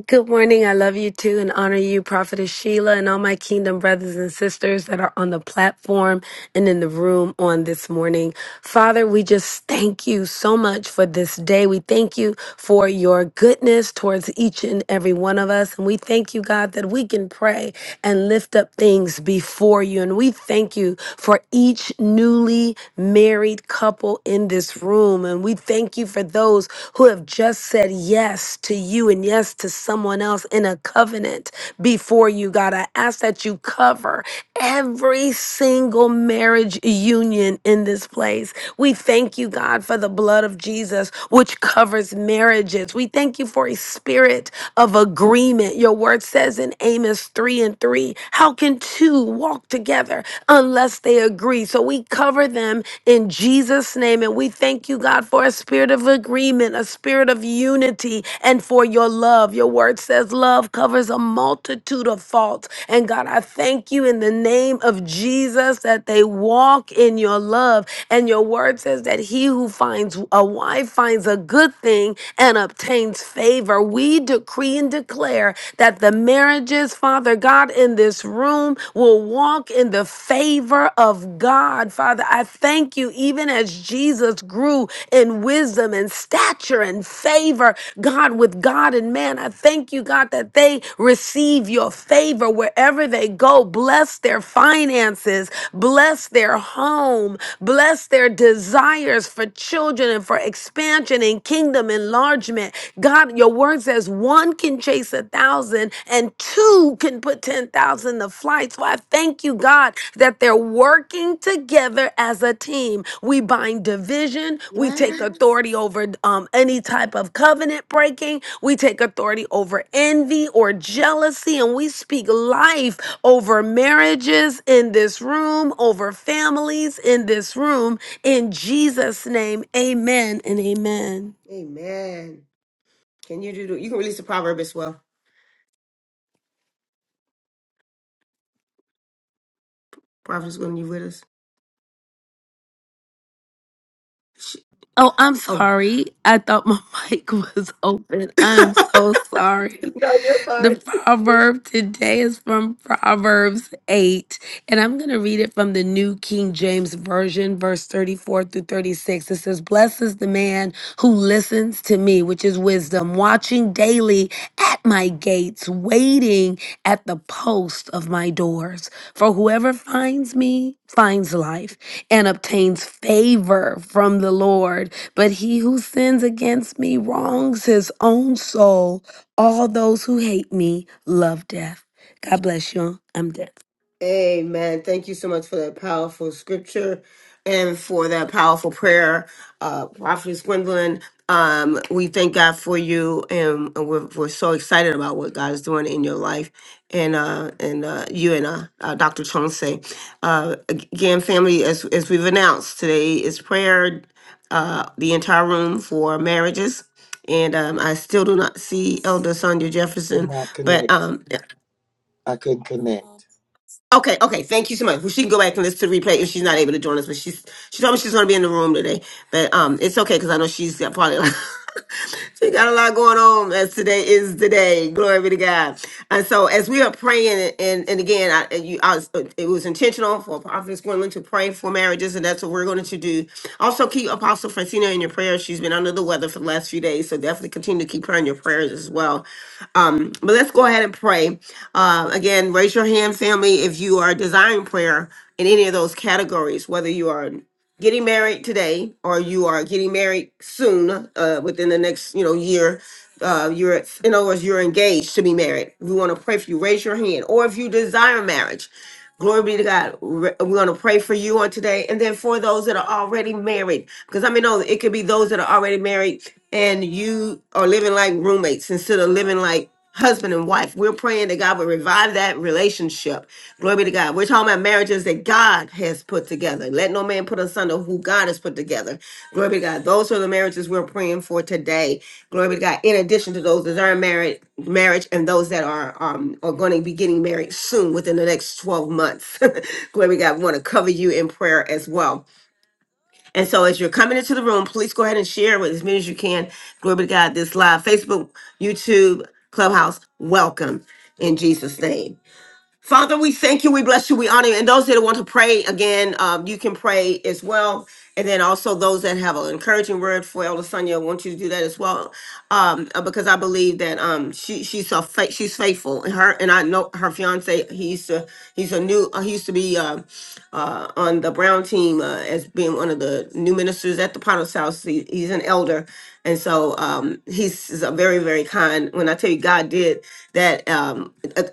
[SPEAKER 11] Good morning. I love you too and honor you, Prophetess Sheila, and all my kingdom brothers and sisters that are on the platform and in the room on this morning. Father, we just thank you so much for this day. We thank you for your goodness towards each and every one of us. And we thank you, God, that we can pray and lift up things before you. And we thank you for each newly married couple in this this room. And we thank you for those who have just said yes to you and yes to someone else in a covenant before you, God. I ask that you cover every single marriage union in this place. We thank you, God, for the blood of Jesus, which covers marriages. We thank you for a spirit of agreement. Your word says in Amos 3 and 3, how can two two walk together unless they agree. So we cover them in Jesus' name. And we thank you, God, for a spirit of agreement, a spirit of unity, and for your love. Your word says love covers a multitude of faults. And God, I thank you in the name of Jesus that they walk in your love. And your word says that he who finds a wife finds a good thing and obtains favor favor. We decree and declare that the marriages, Father God, in this room will walk in the favor of God. Father, I thank you, even as Jesus grew in wisdom and stature and favor, God, with God and man, I thank you, God, that they receive your favor wherever they go. Bless their finances, bless their home, bless their desires for children and for expansion and kingdom enlargement. God, your word says one can chase a thousand and two can put 10,000 to flight. So I thank you, God, that they're working together as a team. We bind division. We take authority over um, any type of covenant breaking. We take authority over envy or jealousy. And we speak life over marriages in this room, over families in this room in Jesus' name, amen and amen.
[SPEAKER 1] Amen. Can you do? You can release the proverb as well. Prophet's gonna you with us? She,
[SPEAKER 11] Oh, I'm
[SPEAKER 1] oh,
[SPEAKER 11] sorry. I thought my <laughs> mic was open. I'm so sorry.
[SPEAKER 1] No, you're
[SPEAKER 11] The
[SPEAKER 1] fine.
[SPEAKER 11] proverb today is from Proverbs 8, and I'm going to read it from the New King James Version, verse 34 through 36. It says, Blessed is the man who listens to me, which is wisdom, watching daily at my gates, waiting at the post of my doors. For whoever finds me finds life and obtains favor from the Lord. But he who sins against me wrongs his own soul. All those who hate me love death. God bless you. I'm done.
[SPEAKER 1] Amen. Thank you so much for that powerful scripture and for that powerful prayer, uh, Prophetess Gwendolyn. Um, we thank God for you, and we're, we're so excited about what God is doing in your life, and uh, and uh, you and uh, uh, Dr. Chauncey. Uh, again, family, as as we've announced, today is prayer. Uh, the entire room for marriages, and um, I still do not see Elder Sonia
[SPEAKER 4] Did
[SPEAKER 1] Jefferson,
[SPEAKER 4] not
[SPEAKER 1] but
[SPEAKER 4] connect.
[SPEAKER 1] um,
[SPEAKER 4] I couldn't connect.
[SPEAKER 1] Okay, okay. Thank you so much. Well, she can go back and listen to the replay if she's not able to join us. But she's she told me she's going to be in the room today. But um, it's okay because I know she's got probably <laughs> she got a lot going on. As today is the day. Glory be to God. And so as we are praying, and and again, I, and you, I was, it was intentional for Prophet Gwendolyn to pray for marriages, and that's what we're going to do. Also, keep Apostle Francina in your prayers. She's been under the weather for the last few days, so definitely continue to keep her in your prayers as well. Um, but let's go ahead and pray. Uh, again, raise your hand, family, if you are desiring prayer in any of those categories, whether you are getting married today or you are getting married soon uh, within the next you know year uh, you're in other words you're engaged to be married we want to pray for you raise your hand or if you desire marriage glory be to god Re- we want to pray for you on today and then for those that are already married because i mean no it could be those that are already married and you are living like roommates instead of living like husband and wife. We're praying that God will revive that relationship. Glory be to God. We're talking about marriages that God has put together. Let no man put asunder who God has put together. Glory be to God. Those are the marriages we're praying for today. Glory be to God. In addition to those that are married, marriage, and those that are um are going to be getting married soon within the next 12 months. <laughs> Glory be to God. We want to cover you in prayer as well. And so as you're coming into the room, please go ahead and share with as many as you can. Glory be to God, this live Facebook, YouTube, Clubhouse. Welcome in Jesus' name. Father, we thank you. We bless you. We honor you. And those that want to pray again, um, you can pray as well. And then also those that have an encouraging word for Elder Sonia, I want you to do that as well, um, uh, because I believe that um, she she's a fa- she's faithful. And her and I know her fiance. He used to he's a new uh, he used to be uh, uh, on the Brown team uh, as being one of the new ministers at the Potter's house. He, he's an elder, and so um, he's he's a very, very kind. When I tell you, God did that, um, a,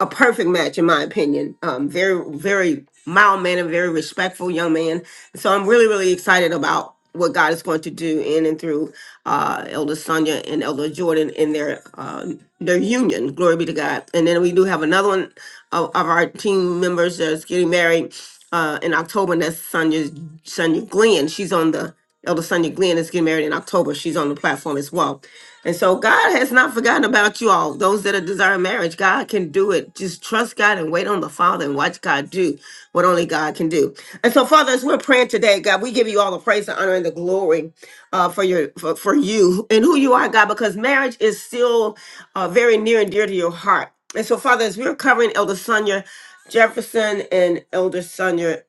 [SPEAKER 1] a perfect match, in my opinion. Um, very, very mild mannered, very respectful young man. So I'm really, really excited about what God is going to do in and through uh, Elder Sonia and Elder Jordan in their uh, their union. Glory be to God. And then we do have another one of, of our team members that's getting married uh, in October, and that's Sonia Sonia Glenn. She's on the Elder Sonia Glenn is getting married in October. She's on the platform as well. And so God has not forgotten about you all. Those that are desiring marriage, God can do it. Just trust God and wait on the Father and watch God do what only God can do. And so, Father, as we're praying today, God, we give you all the praise, the honor, and the glory uh, for your for, for you and who you are, God, because marriage is still uh, very near and dear to your heart. And so, Father, as we're covering Elder Sonia Jefferson and Elder Sonia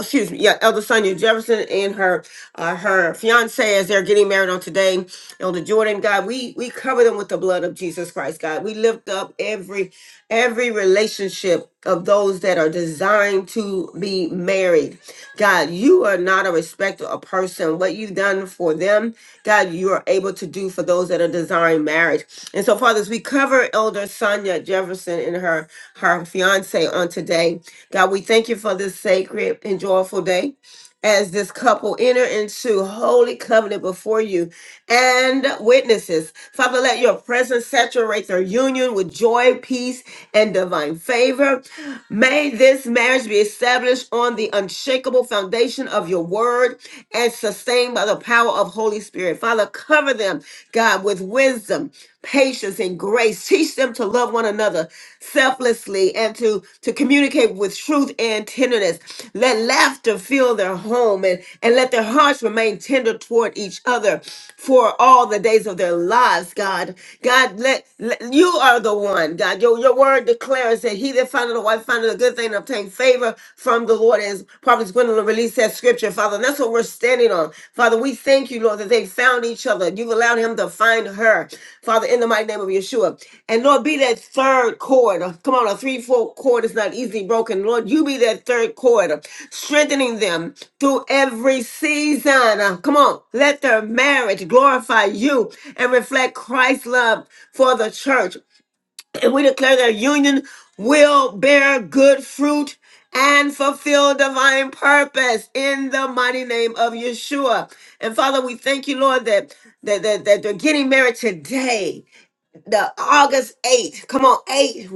[SPEAKER 1] excuse me, yeah, Elder Sonia Jefferson and her uh, her fiance as they're getting married on today, Elder Jordan, God, we we cover them with the blood of Jesus Christ, God. We lift up every every relationship of those that are designed to be married. God, you are not a respecter of person. What you've done for them, God, you are able to do for those that are desiring marriage. And so, fathers, we cover Elder Sonia Jefferson and her her fiance on today. God, we thank you for this sacred and joyful day as this couple enter into holy covenant before you and witnesses. Father, let your presence saturate their union with joy, peace, and divine favor. May this marriage be established on the unshakable foundation of your word and sustained by the power of Holy Spirit. Father, cover them, God, with wisdom patience and grace. Teach them to love one another selflessly and to, to communicate with truth and tenderness. Let laughter fill their home and, and let their hearts remain tender toward each other for all the days of their lives, God. God, let, let- you are the one, God. Your, your word declares that he that findeth a wife findeth a good thing and obtain favor from the Lord, as Prophet Gwendolyn release that scripture, Father. And that's what we're standing on. Father, we thank you, Lord, that they found each other. You've allowed him to find her, Father, in the mighty name of Yeshua. And Lord, be that third cord. Come on, a three, four cord is not easily broken. Lord, you be that third cord, strengthening them through every season. Uh, Come on, let their marriage glorify you and reflect Christ's love for the church. And we declare that union will bear good fruit and fulfill divine purpose in the mighty name of Yeshua. And Father, we thank you, Lord, that that, that, that they're getting married today the August 8th. Come on, 8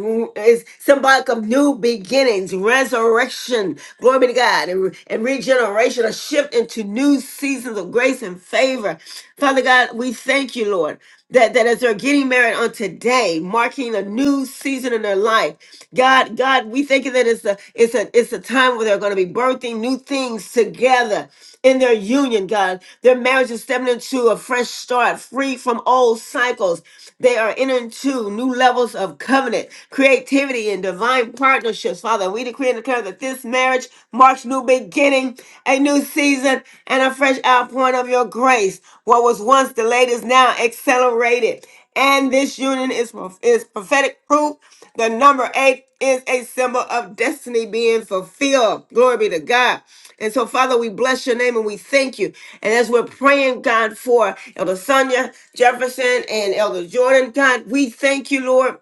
[SPEAKER 1] is symbolic of new beginnings, resurrection, glory be to God, and, and regeneration, a shift into new seasons of grace and favor. Father God, we thank you, Lord, that, that as they're getting married on today, marking a new season in their life. God, God, we thank you that it's a it's a it's a time where they're going to be birthing new things together in their union, God. Their marriage is stepping into a fresh start, free from old cycles. They are entering into new levels of covenant, creativity, and divine partnerships. Father, we decree and declare that this marriage marks new beginning, a new season, and a fresh outpouring of your grace. What was once delayed is now accelerated. And this union is, is prophetic proof the number eight is a symbol of destiny being fulfilled. Glory be to God. And so, Father, we bless your name and we thank you. And as we're praying, God, for Elder Sonia Jefferson and Elder Jordan, God, we thank you, Lord.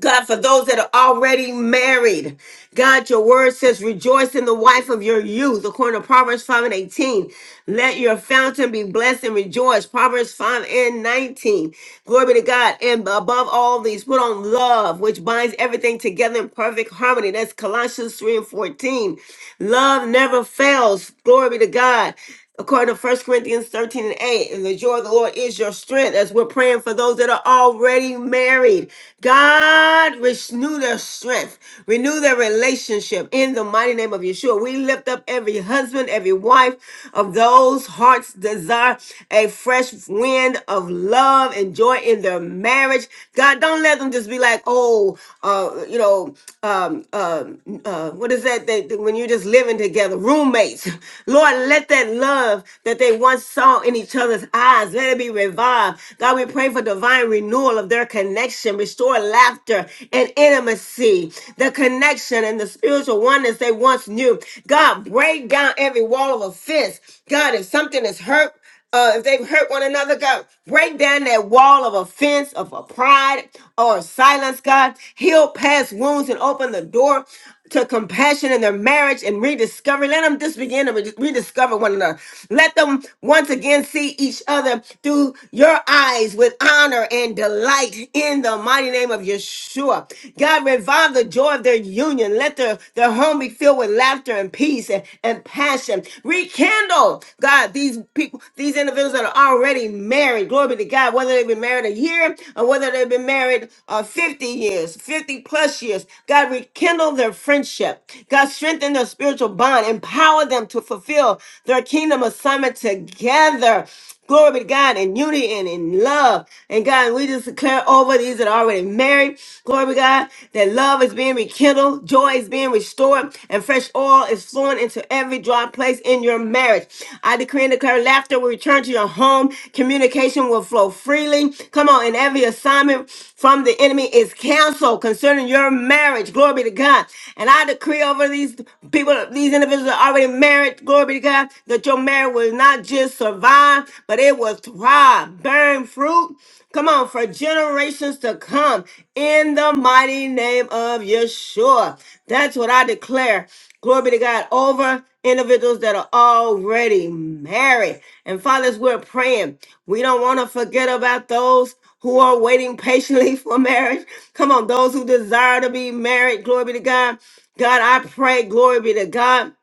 [SPEAKER 1] God, for those that are already married, God, your word says, rejoice in the wife of your youth, according to Proverbs 5 and 18. Let your fountain be blessed and rejoice, Proverbs 5 and 19. Glory be to God. And above all these, put on love, which binds everything together in perfect harmony. That's Colossians 3 and 14. Love never fails. Glory be to God according to First Corinthians 13 and 8. And the joy of the Lord is your strength. As we're praying for those that are already married. God, renew their strength, renew their relationship in the mighty name of Yeshua. We lift up every husband, every wife of those hearts desire a fresh wind of love and joy in their marriage. God, don't let them just be like, oh, uh, you know, um, um, uh, what is that? They, they- when you're just living together, roommates. <laughs> Lord, let that love that they once saw in each other's eyes, let it be revived. God, we pray for divine divine renewal of their connection, restore laughter and intimacy, the connection and the spiritual oneness they once knew. God, break down every wall of offense. God, if something is hurt, uh, if they've hurt one another, God, break down that wall of offense, of a pride or silence, God. Heal past wounds and open the door to compassion in their marriage and rediscovery. Let them just begin to re- rediscover one another. Let them once again see each other through your eyes with honor and delight in the mighty name of Yeshua. God, revive the joy of their union. Let their, their home be filled with laughter and peace and, and passion. Rekindle, God, these people, these individuals that are already married. Glory Glory be to God. Whether they've been married a year or whether they've been married uh, 50 years, 50 plus years. God, rekindle their friendship. God, strengthen their spiritual bond. Empower them to fulfill their kingdom assignment together. Glory be to God in unity and in love. And God, we just declare over these that are already married. Glory be to God that love is being rekindled, joy is being restored, and and fresh oil is flowing into every dry place in your marriage. I decree and declare laughter will return to your home. Communication will flow freely. Come on, and every assignment from the enemy is canceled concerning your marriage. Glory be to God. And I decree over these people, these individuals that are already married, glory be to God, that your marriage will not just survive, but it will thrive, bearing fruit Come on, for generations to come in the mighty name of Yeshua. That's what I declare. Glory be to God over individuals that are already married. And fathers, we're praying. We don't want to forget about those who are waiting patiently <laughs> for marriage. Come on, those who desire to be married. Glory be to God. God, I pray, glory be to God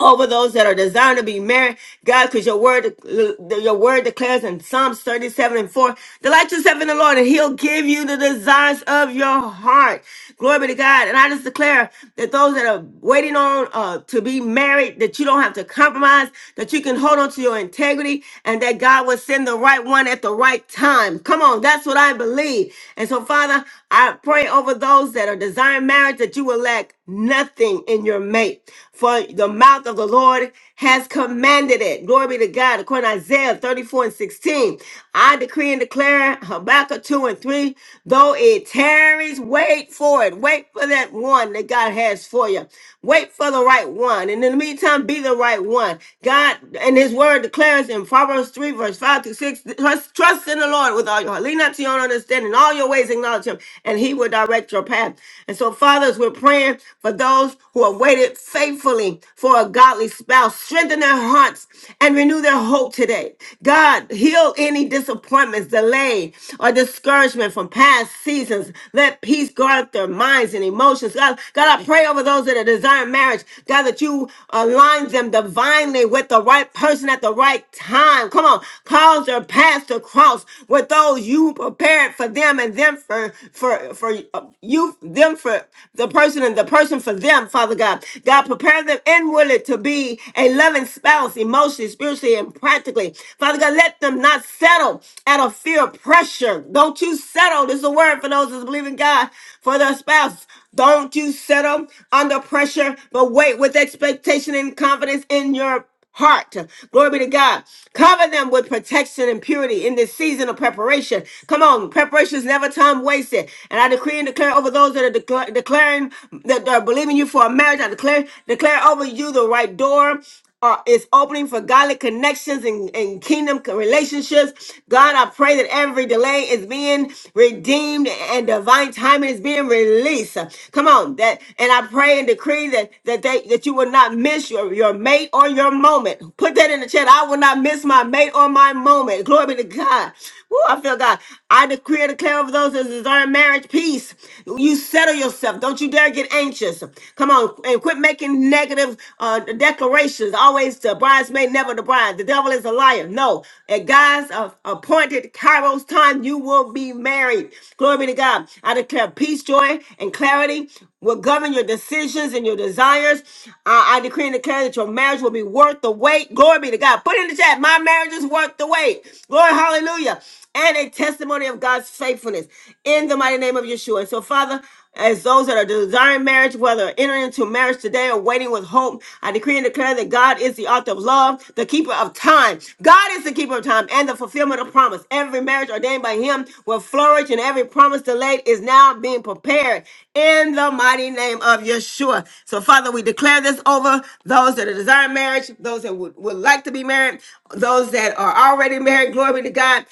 [SPEAKER 1] over those that are desiring to be married, God, because your word, your word declares in Psalms 37 and 4, delight yourself in the Lord and he'll give you the desires of your heart. Glory be to God. And I just declare that those that are waiting on uh, to be married, that you don't have to compromise, that you can hold on to your integrity and that God will send the right one at the right time. Come on. That's what I believe. And so Father, I pray over those that are desiring marriage that you will lack nothing in your mate. 8. For the mouth of the Lord has commanded it. Glory be to God. According to Isaiah 34 and 16. I decree and declare Habakkuk 2 and 3. Though it tarries, wait for it. Wait for that one that God has for you. Wait for the right one. And in the meantime, be the right one. God and his word declares in Proverbs 3, verse 5 to 6. Trust, trust in the Lord with all your heart. Lean not to your own understanding. In All your ways acknowledge him, and he will direct your path. And so, fathers, we're praying for those those who have waited faithfully for a godly spouse. Strengthen their hearts and renew their hope today. God, heal any disappointments, delay, or discouragement from past seasons. Let peace guard their minds and emotions. God, God, I pray over those that are desiring marriage. God, that you align them divinely with the right person at the right time. Come on, cause their paths to cross with those you prepared for them and them for for for uh, you them for the person and the person for them, Father God. God, prepare them inwardly to be a loving spouse, emotionally, spiritually, and practically. Father God, let them not settle out of fear of pressure. Don't you settle. This is a word for those that believe in God for their spouse. Don't you settle under pressure, but wait with expectation and confidence in your heart. Glory be to God. Cover them with protection and purity in this season of preparation. Come on, preparation is never time wasted. And I decree and declare over those that are decla- declaring that are believing you for a marriage. I declare declare over you the right door. Uh, is opening for godly connections and, and kingdom co- relationships. God, I pray that every delay is being redeemed and divine timing is being being released. Come on, that and I pray and decree that that they that you will not miss your your mate or your moment. Put that in the chat. I will not miss my mate or my moment. Glory be to God. Woo, I feel God. I decree and declare over those that desire marriage peace. You settle yourself. Don't you dare get anxious. Come on and quit making negative uh, declarations. Always the bridesmaid, never the bride. The devil is a liar. No, at God's uh, appointed Kairos time, you will be married. Glory be to God. I declare peace, joy, and clarity will govern your decisions and your desires. Uh, I decree and declare that your marriage will be worth the wait. Glory be to God. Put in the chat, my marriage is worth the wait. Glory, hallelujah. And a testimony of God's faithfulness in the mighty name of Yeshua. And so, Father, as those that are desiring marriage, whether entering into marriage today or waiting with hope, I decree and declare that God is the author of love, the keeper of time. God is the keeper of time and the fulfillment of promise. Every marriage ordained by Him will flourish, and every promise delayed is now being prepared in the mighty name of Yeshua. So, Father, we declare this over those that are desiring marriage, those that would, would like to be married, those that are already married. Glory be to God.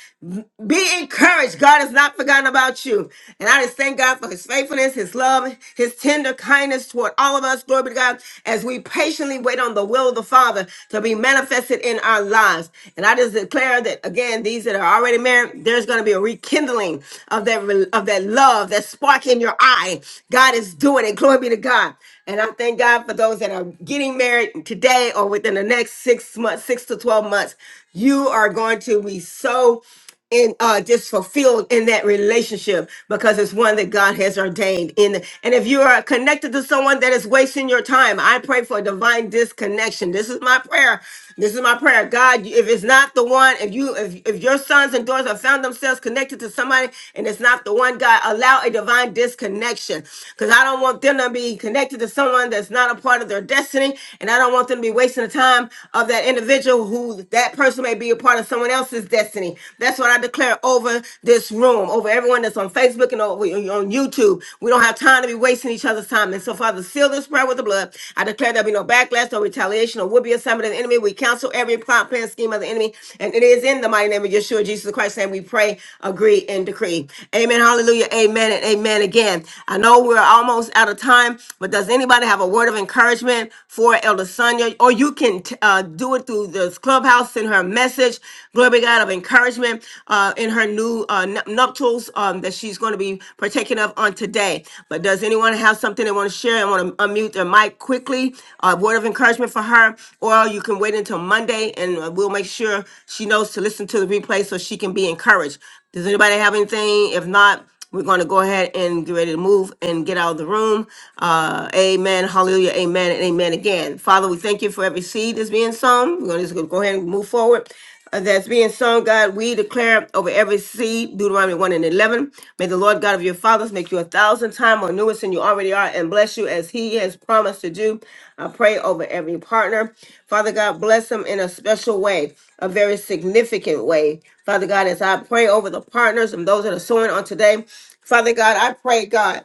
[SPEAKER 1] Be encouraged. God has not forgotten about you. And I just thank God for his faithfulness, his love, his tender kindness toward all of us. Glory be to God. As we patiently wait on the will of the Father to be manifested in our lives. And I just declare that again, these that are already married, there's going to be a rekindling of that re- of that love, that spark in your eye. God is doing it. Glory be to God. And I thank God for those that are getting married today or within the next six months, six to 12 months. You are going to be so and uh, just fulfilled in that relationship because it's one that God has ordained. In and if you are connected to someone that is wasting your time, I pray for a divine disconnection. This is my prayer. This is my prayer. God, if it's not the one, if you if, if your sons and daughters have found themselves connected to somebody and it's not the one, God, allow a divine disconnection because I don't want them to be connected to someone that's not a part of their destiny, and I don't want them to be wasting the time of that individual who that that person may be a part of someone else's destiny. That's what I declare over this room, over everyone that's on Facebook and over, on YouTube. We don't have time to be wasting each other's time. And so, Father, seal this prayer with the blood. I declare there'll be no backlash, no retaliation, or would be assignment of the enemy. We cancel every plot, plan, scheme of the enemy. And it is in the mighty name of Yeshua, Jesus Christ, and we pray, agree, and decree. Amen. Hallelujah. Amen. And amen again. I know we're almost out of time, but does anybody have a word of encouragement for Elder Sonia or you can t- uh, do it through this clubhouse, send her a message, glory be to God, of encouragement uh, in her new uh, nu- nuptials um, that she's going to be partaking of on today. But does anyone have something they want to share and want to unmute their mic quickly? A word of encouragement for her, or you can wait until Monday and uh, we'll make sure she knows to listen to the replay so she can be encouraged. Does anybody have anything? If not, we're going to go ahead and get ready to move and get out of the room. Uh, amen. Hallelujah. Amen. And amen again. Father, we thank you for every seed that's being sown. We're going to just go ahead and move forward. Uh, That's being sown, God, we declare over every seed, Deuteronomy 1 and 11. May the Lord God of your fathers promise, make you a thousand times more numerous than you already are, and bless you as He has promised to do. I pray over every partner. Father God, bless them in a special way, a very significant way. Father God, as I pray over the partners and those that are sowing on today, Father God, I pray, God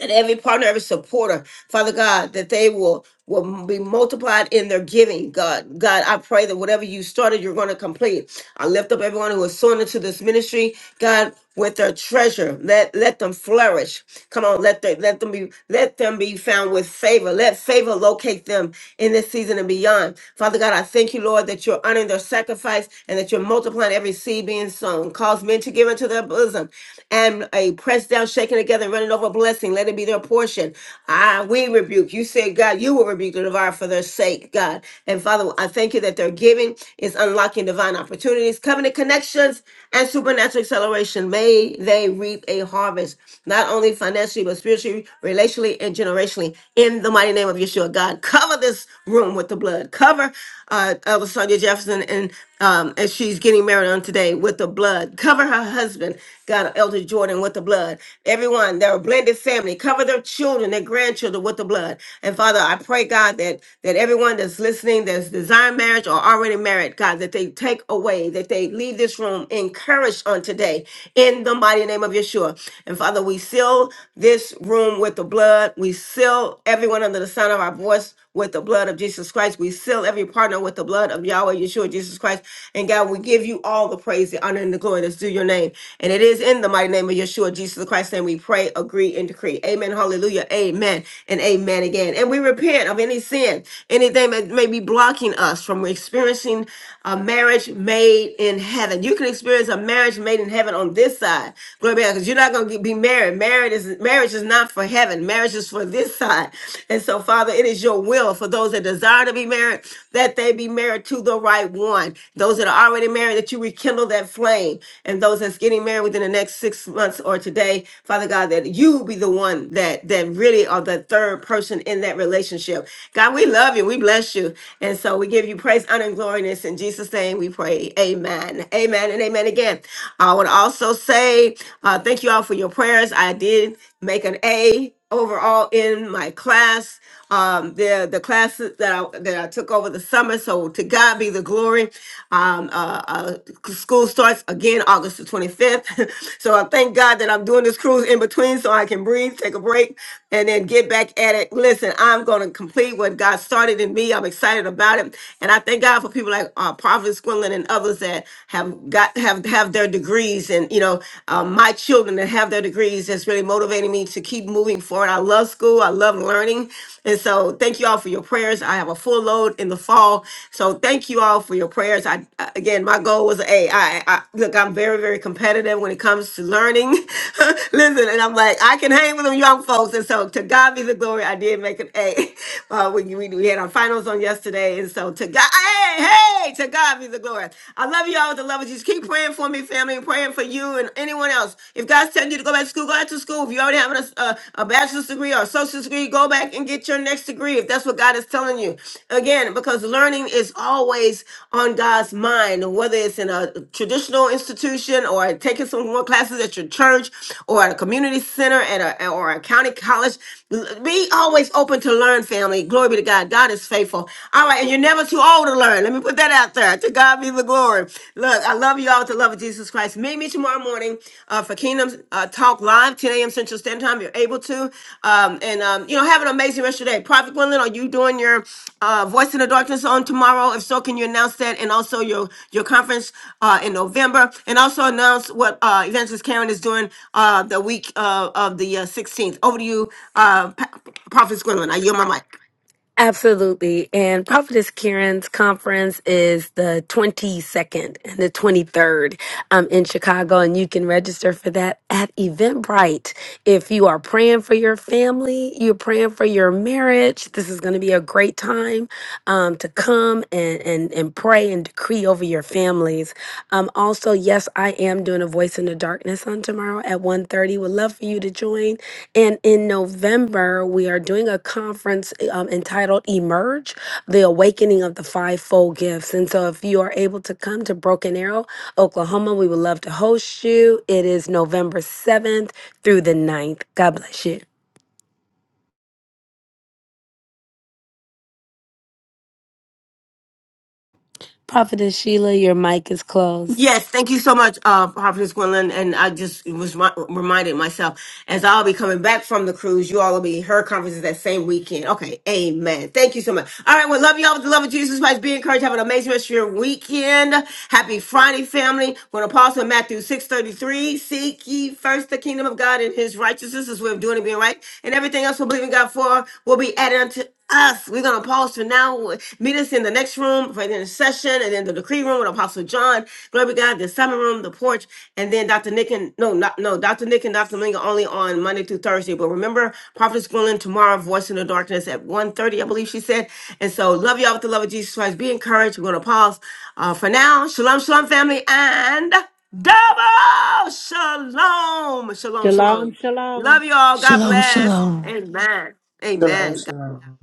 [SPEAKER 1] and every partner, every supporter, Father God, that they will will be multiplied in their giving. God, God, I pray that whatever you started, you're going to complete. I lift up everyone who is sown into this ministry, God, with their treasure. Let let them flourish. Come on, let them let them be let them be found with favor. Let favor locate them in this season and beyond. Father God, I thank you, Lord, that you're honoring their sacrifice and that you're multiplying every seed being sown. Cause men to give into their bosom and a pressed down, shaken together, running over blessing. Let it be their portion. Ah, we rebuke. You said, God, you will rebuke the devourer for their sake, God. And Father, I thank you that their giving is unlocking divine opportunities, covenant connections, and supernatural acceleration. May they reap a harvest, not only financially, but spiritually, relationally, and generationally. In the mighty name of Yeshua, God, cover this room with the blood. Cover uh, Elder Sonia Jefferson, and um, and she's getting married on today with the blood. Cover her husband, God, Elder Jordan, with the blood. Everyone, their blended family, cover their children, their grandchildren with the blood. And Father, I pray, God, that that everyone that's listening, that's desiring marriage or already married, God, that they take away, that they leave this room encouraged on today, in the mighty name of Yeshua. And Father, we seal this room with the blood. We seal everyone under the sound of our voice with the blood of Jesus Christ. We seal every partner with the blood of Yahweh, Yeshua, Jesus Christ. And God, we give you all the praise, the honor, and the glory that's due your name. And it is in the mighty name of Yeshua, Jesus Christ, and we pray, agree, and decree. Amen. Hallelujah. Amen. And amen again. And we repent of any sin, anything that may be blocking us from experiencing a marriage made in heaven. You can experience a marriage made in heaven on this side. Glory be to God, because you're not going to be married. Married is marriage is not for heaven. Marriage is marriages for this side. And so, Father, it is your will for those that desire to be married that they be married to the right one. Those that are already married, that you rekindle that flame. And those that's getting married within the next six months or today, Father God, that you be the one that that really are the third person in that relationship. God, we love you. We bless you. And so we give you praise, honor, and glory. And it's in Jesus' name we pray. Amen. Amen and amen again. I would also say uh, thank you all for your prayers. I did make an A overall in my class. Um, the the classes that I that I took over the summer. So to God be the glory. Um, uh, uh, school starts again August the 25th. <laughs> so I thank God that I'm doing this cruise in between so I can breathe, take a break, and then get back at it. Listen, I'm going to complete what God started in me. I'm excited about it, and I thank God for people like uh, Prophet Squinlin and others that have got have have their degrees and you know know, um, my children that have their degrees that's really motivating me to keep moving forward. I love school. I love learning. And so thank you all for your prayers. I have a full load in the fall. So thank you all for your prayers. I, I- again, my goal was, hey, I, I look, I'm very, very competitive when it comes to learning. <laughs> Listen, and I'm like, I can hang with them young folks. And so to God be the glory. I did make an A. <laughs> Uh, we, we, we had our finals on yesterday. And so to God, hey, hey, to God be the glory. I love you all y'all with the love of Jesus. Keep praying for me, family, and praying for you and anyone else. If God's telling you to go back to school, go back to school. If you already have a, a, a bachelor's degree or a associate's degree, go back and get your next degree if that's what God is telling you. Again, because learning is always on God's mind, whether it's in a traditional institution or taking some more classes at your church or at a community center at a, or a county college. L- Be always open to learn, family. Glory be to God. God is faithful. All right, and you're never too old to learn. Let me put that out there. To God be the glory. Look, I love you all with the love of Jesus Christ. Meet me tomorrow morning uh, for Kingdom uh, Talk Live, 10 a.m. Central Standard Time, if you're able to. Um, and, um, you know, have an amazing rest of your day. Prophet Gwendolyn, are you doing your uh, Voice in the Darkness on tomorrow? If so, can you announce that and also your your conference uh, in November and also announce what uh, Evangelist Karen is doing uh, the week uh, of the uh, 16th? Over to you, uh, Pa- Prophet Gwendolyn. I yield my mic.
[SPEAKER 11] Absolutely. And Prophetess Karen's conference is the 22nd and the 23rd um, in Chicago. And you can register for that at Eventbrite. If you are praying for your family, you're praying for your marriage, this is going to be a great time um, to come and. and, and pray and decree over your families. Um, also, yes, I am doing a voice in the darkness on tomorrow at one thirty. Would love for you to join. And in November, we are doing a conference eh, um, entitled Emerge, the awakening of the fivefold gifts. And so if you are able to come to Broken Arrow, Oklahoma, we would love to host you. It is November 7th through the ninth. God bless you. Prophetess Sheila, your mic is closed.
[SPEAKER 1] Yes, thank you so much, uh, Prophetess Gwendolyn. And I just was mi- reminded myself as I'll be coming back from the cruise, you all will be her conferences that same weekend. Okay, amen. Thank you so much. All right, well, love y'all with the love of Jesus Christ. Be encouraged. Have an amazing rest of your weekend. Happy Friday, family. We're going to pause Matthew 6.33. Seek ye first the kingdom of God and his righteousness righteousness, his way of doing and being right, and everything else we're believing God for will be added unto us. We're gonna pause for now. Meet us in the next room for the intercession, and then the decree room with Apostle John. Glory be to God, the summer room, the porch, and then Dr. Nick and no, not, no, Dr. Nick and Dr. Linga only on Monday through Thursday. But remember, Prophet's Gwendolyn tomorrow, Voice in the Darkness at one thirty, I believe she said. And so love y'all with the love of Jesus Christ. Be encouraged. We're gonna pause uh, for now. Shalom, shalom, family, and double shalom. Shalom,
[SPEAKER 3] Shalom
[SPEAKER 1] shalom.
[SPEAKER 3] Shalom
[SPEAKER 1] Love you all. God
[SPEAKER 8] Shalom,
[SPEAKER 7] Shalom,
[SPEAKER 1] bless.
[SPEAKER 8] shalom.
[SPEAKER 7] shalom.
[SPEAKER 8] Love you.
[SPEAKER 1] Amen.
[SPEAKER 4] Shalom,
[SPEAKER 1] Amen.
[SPEAKER 4] shalom.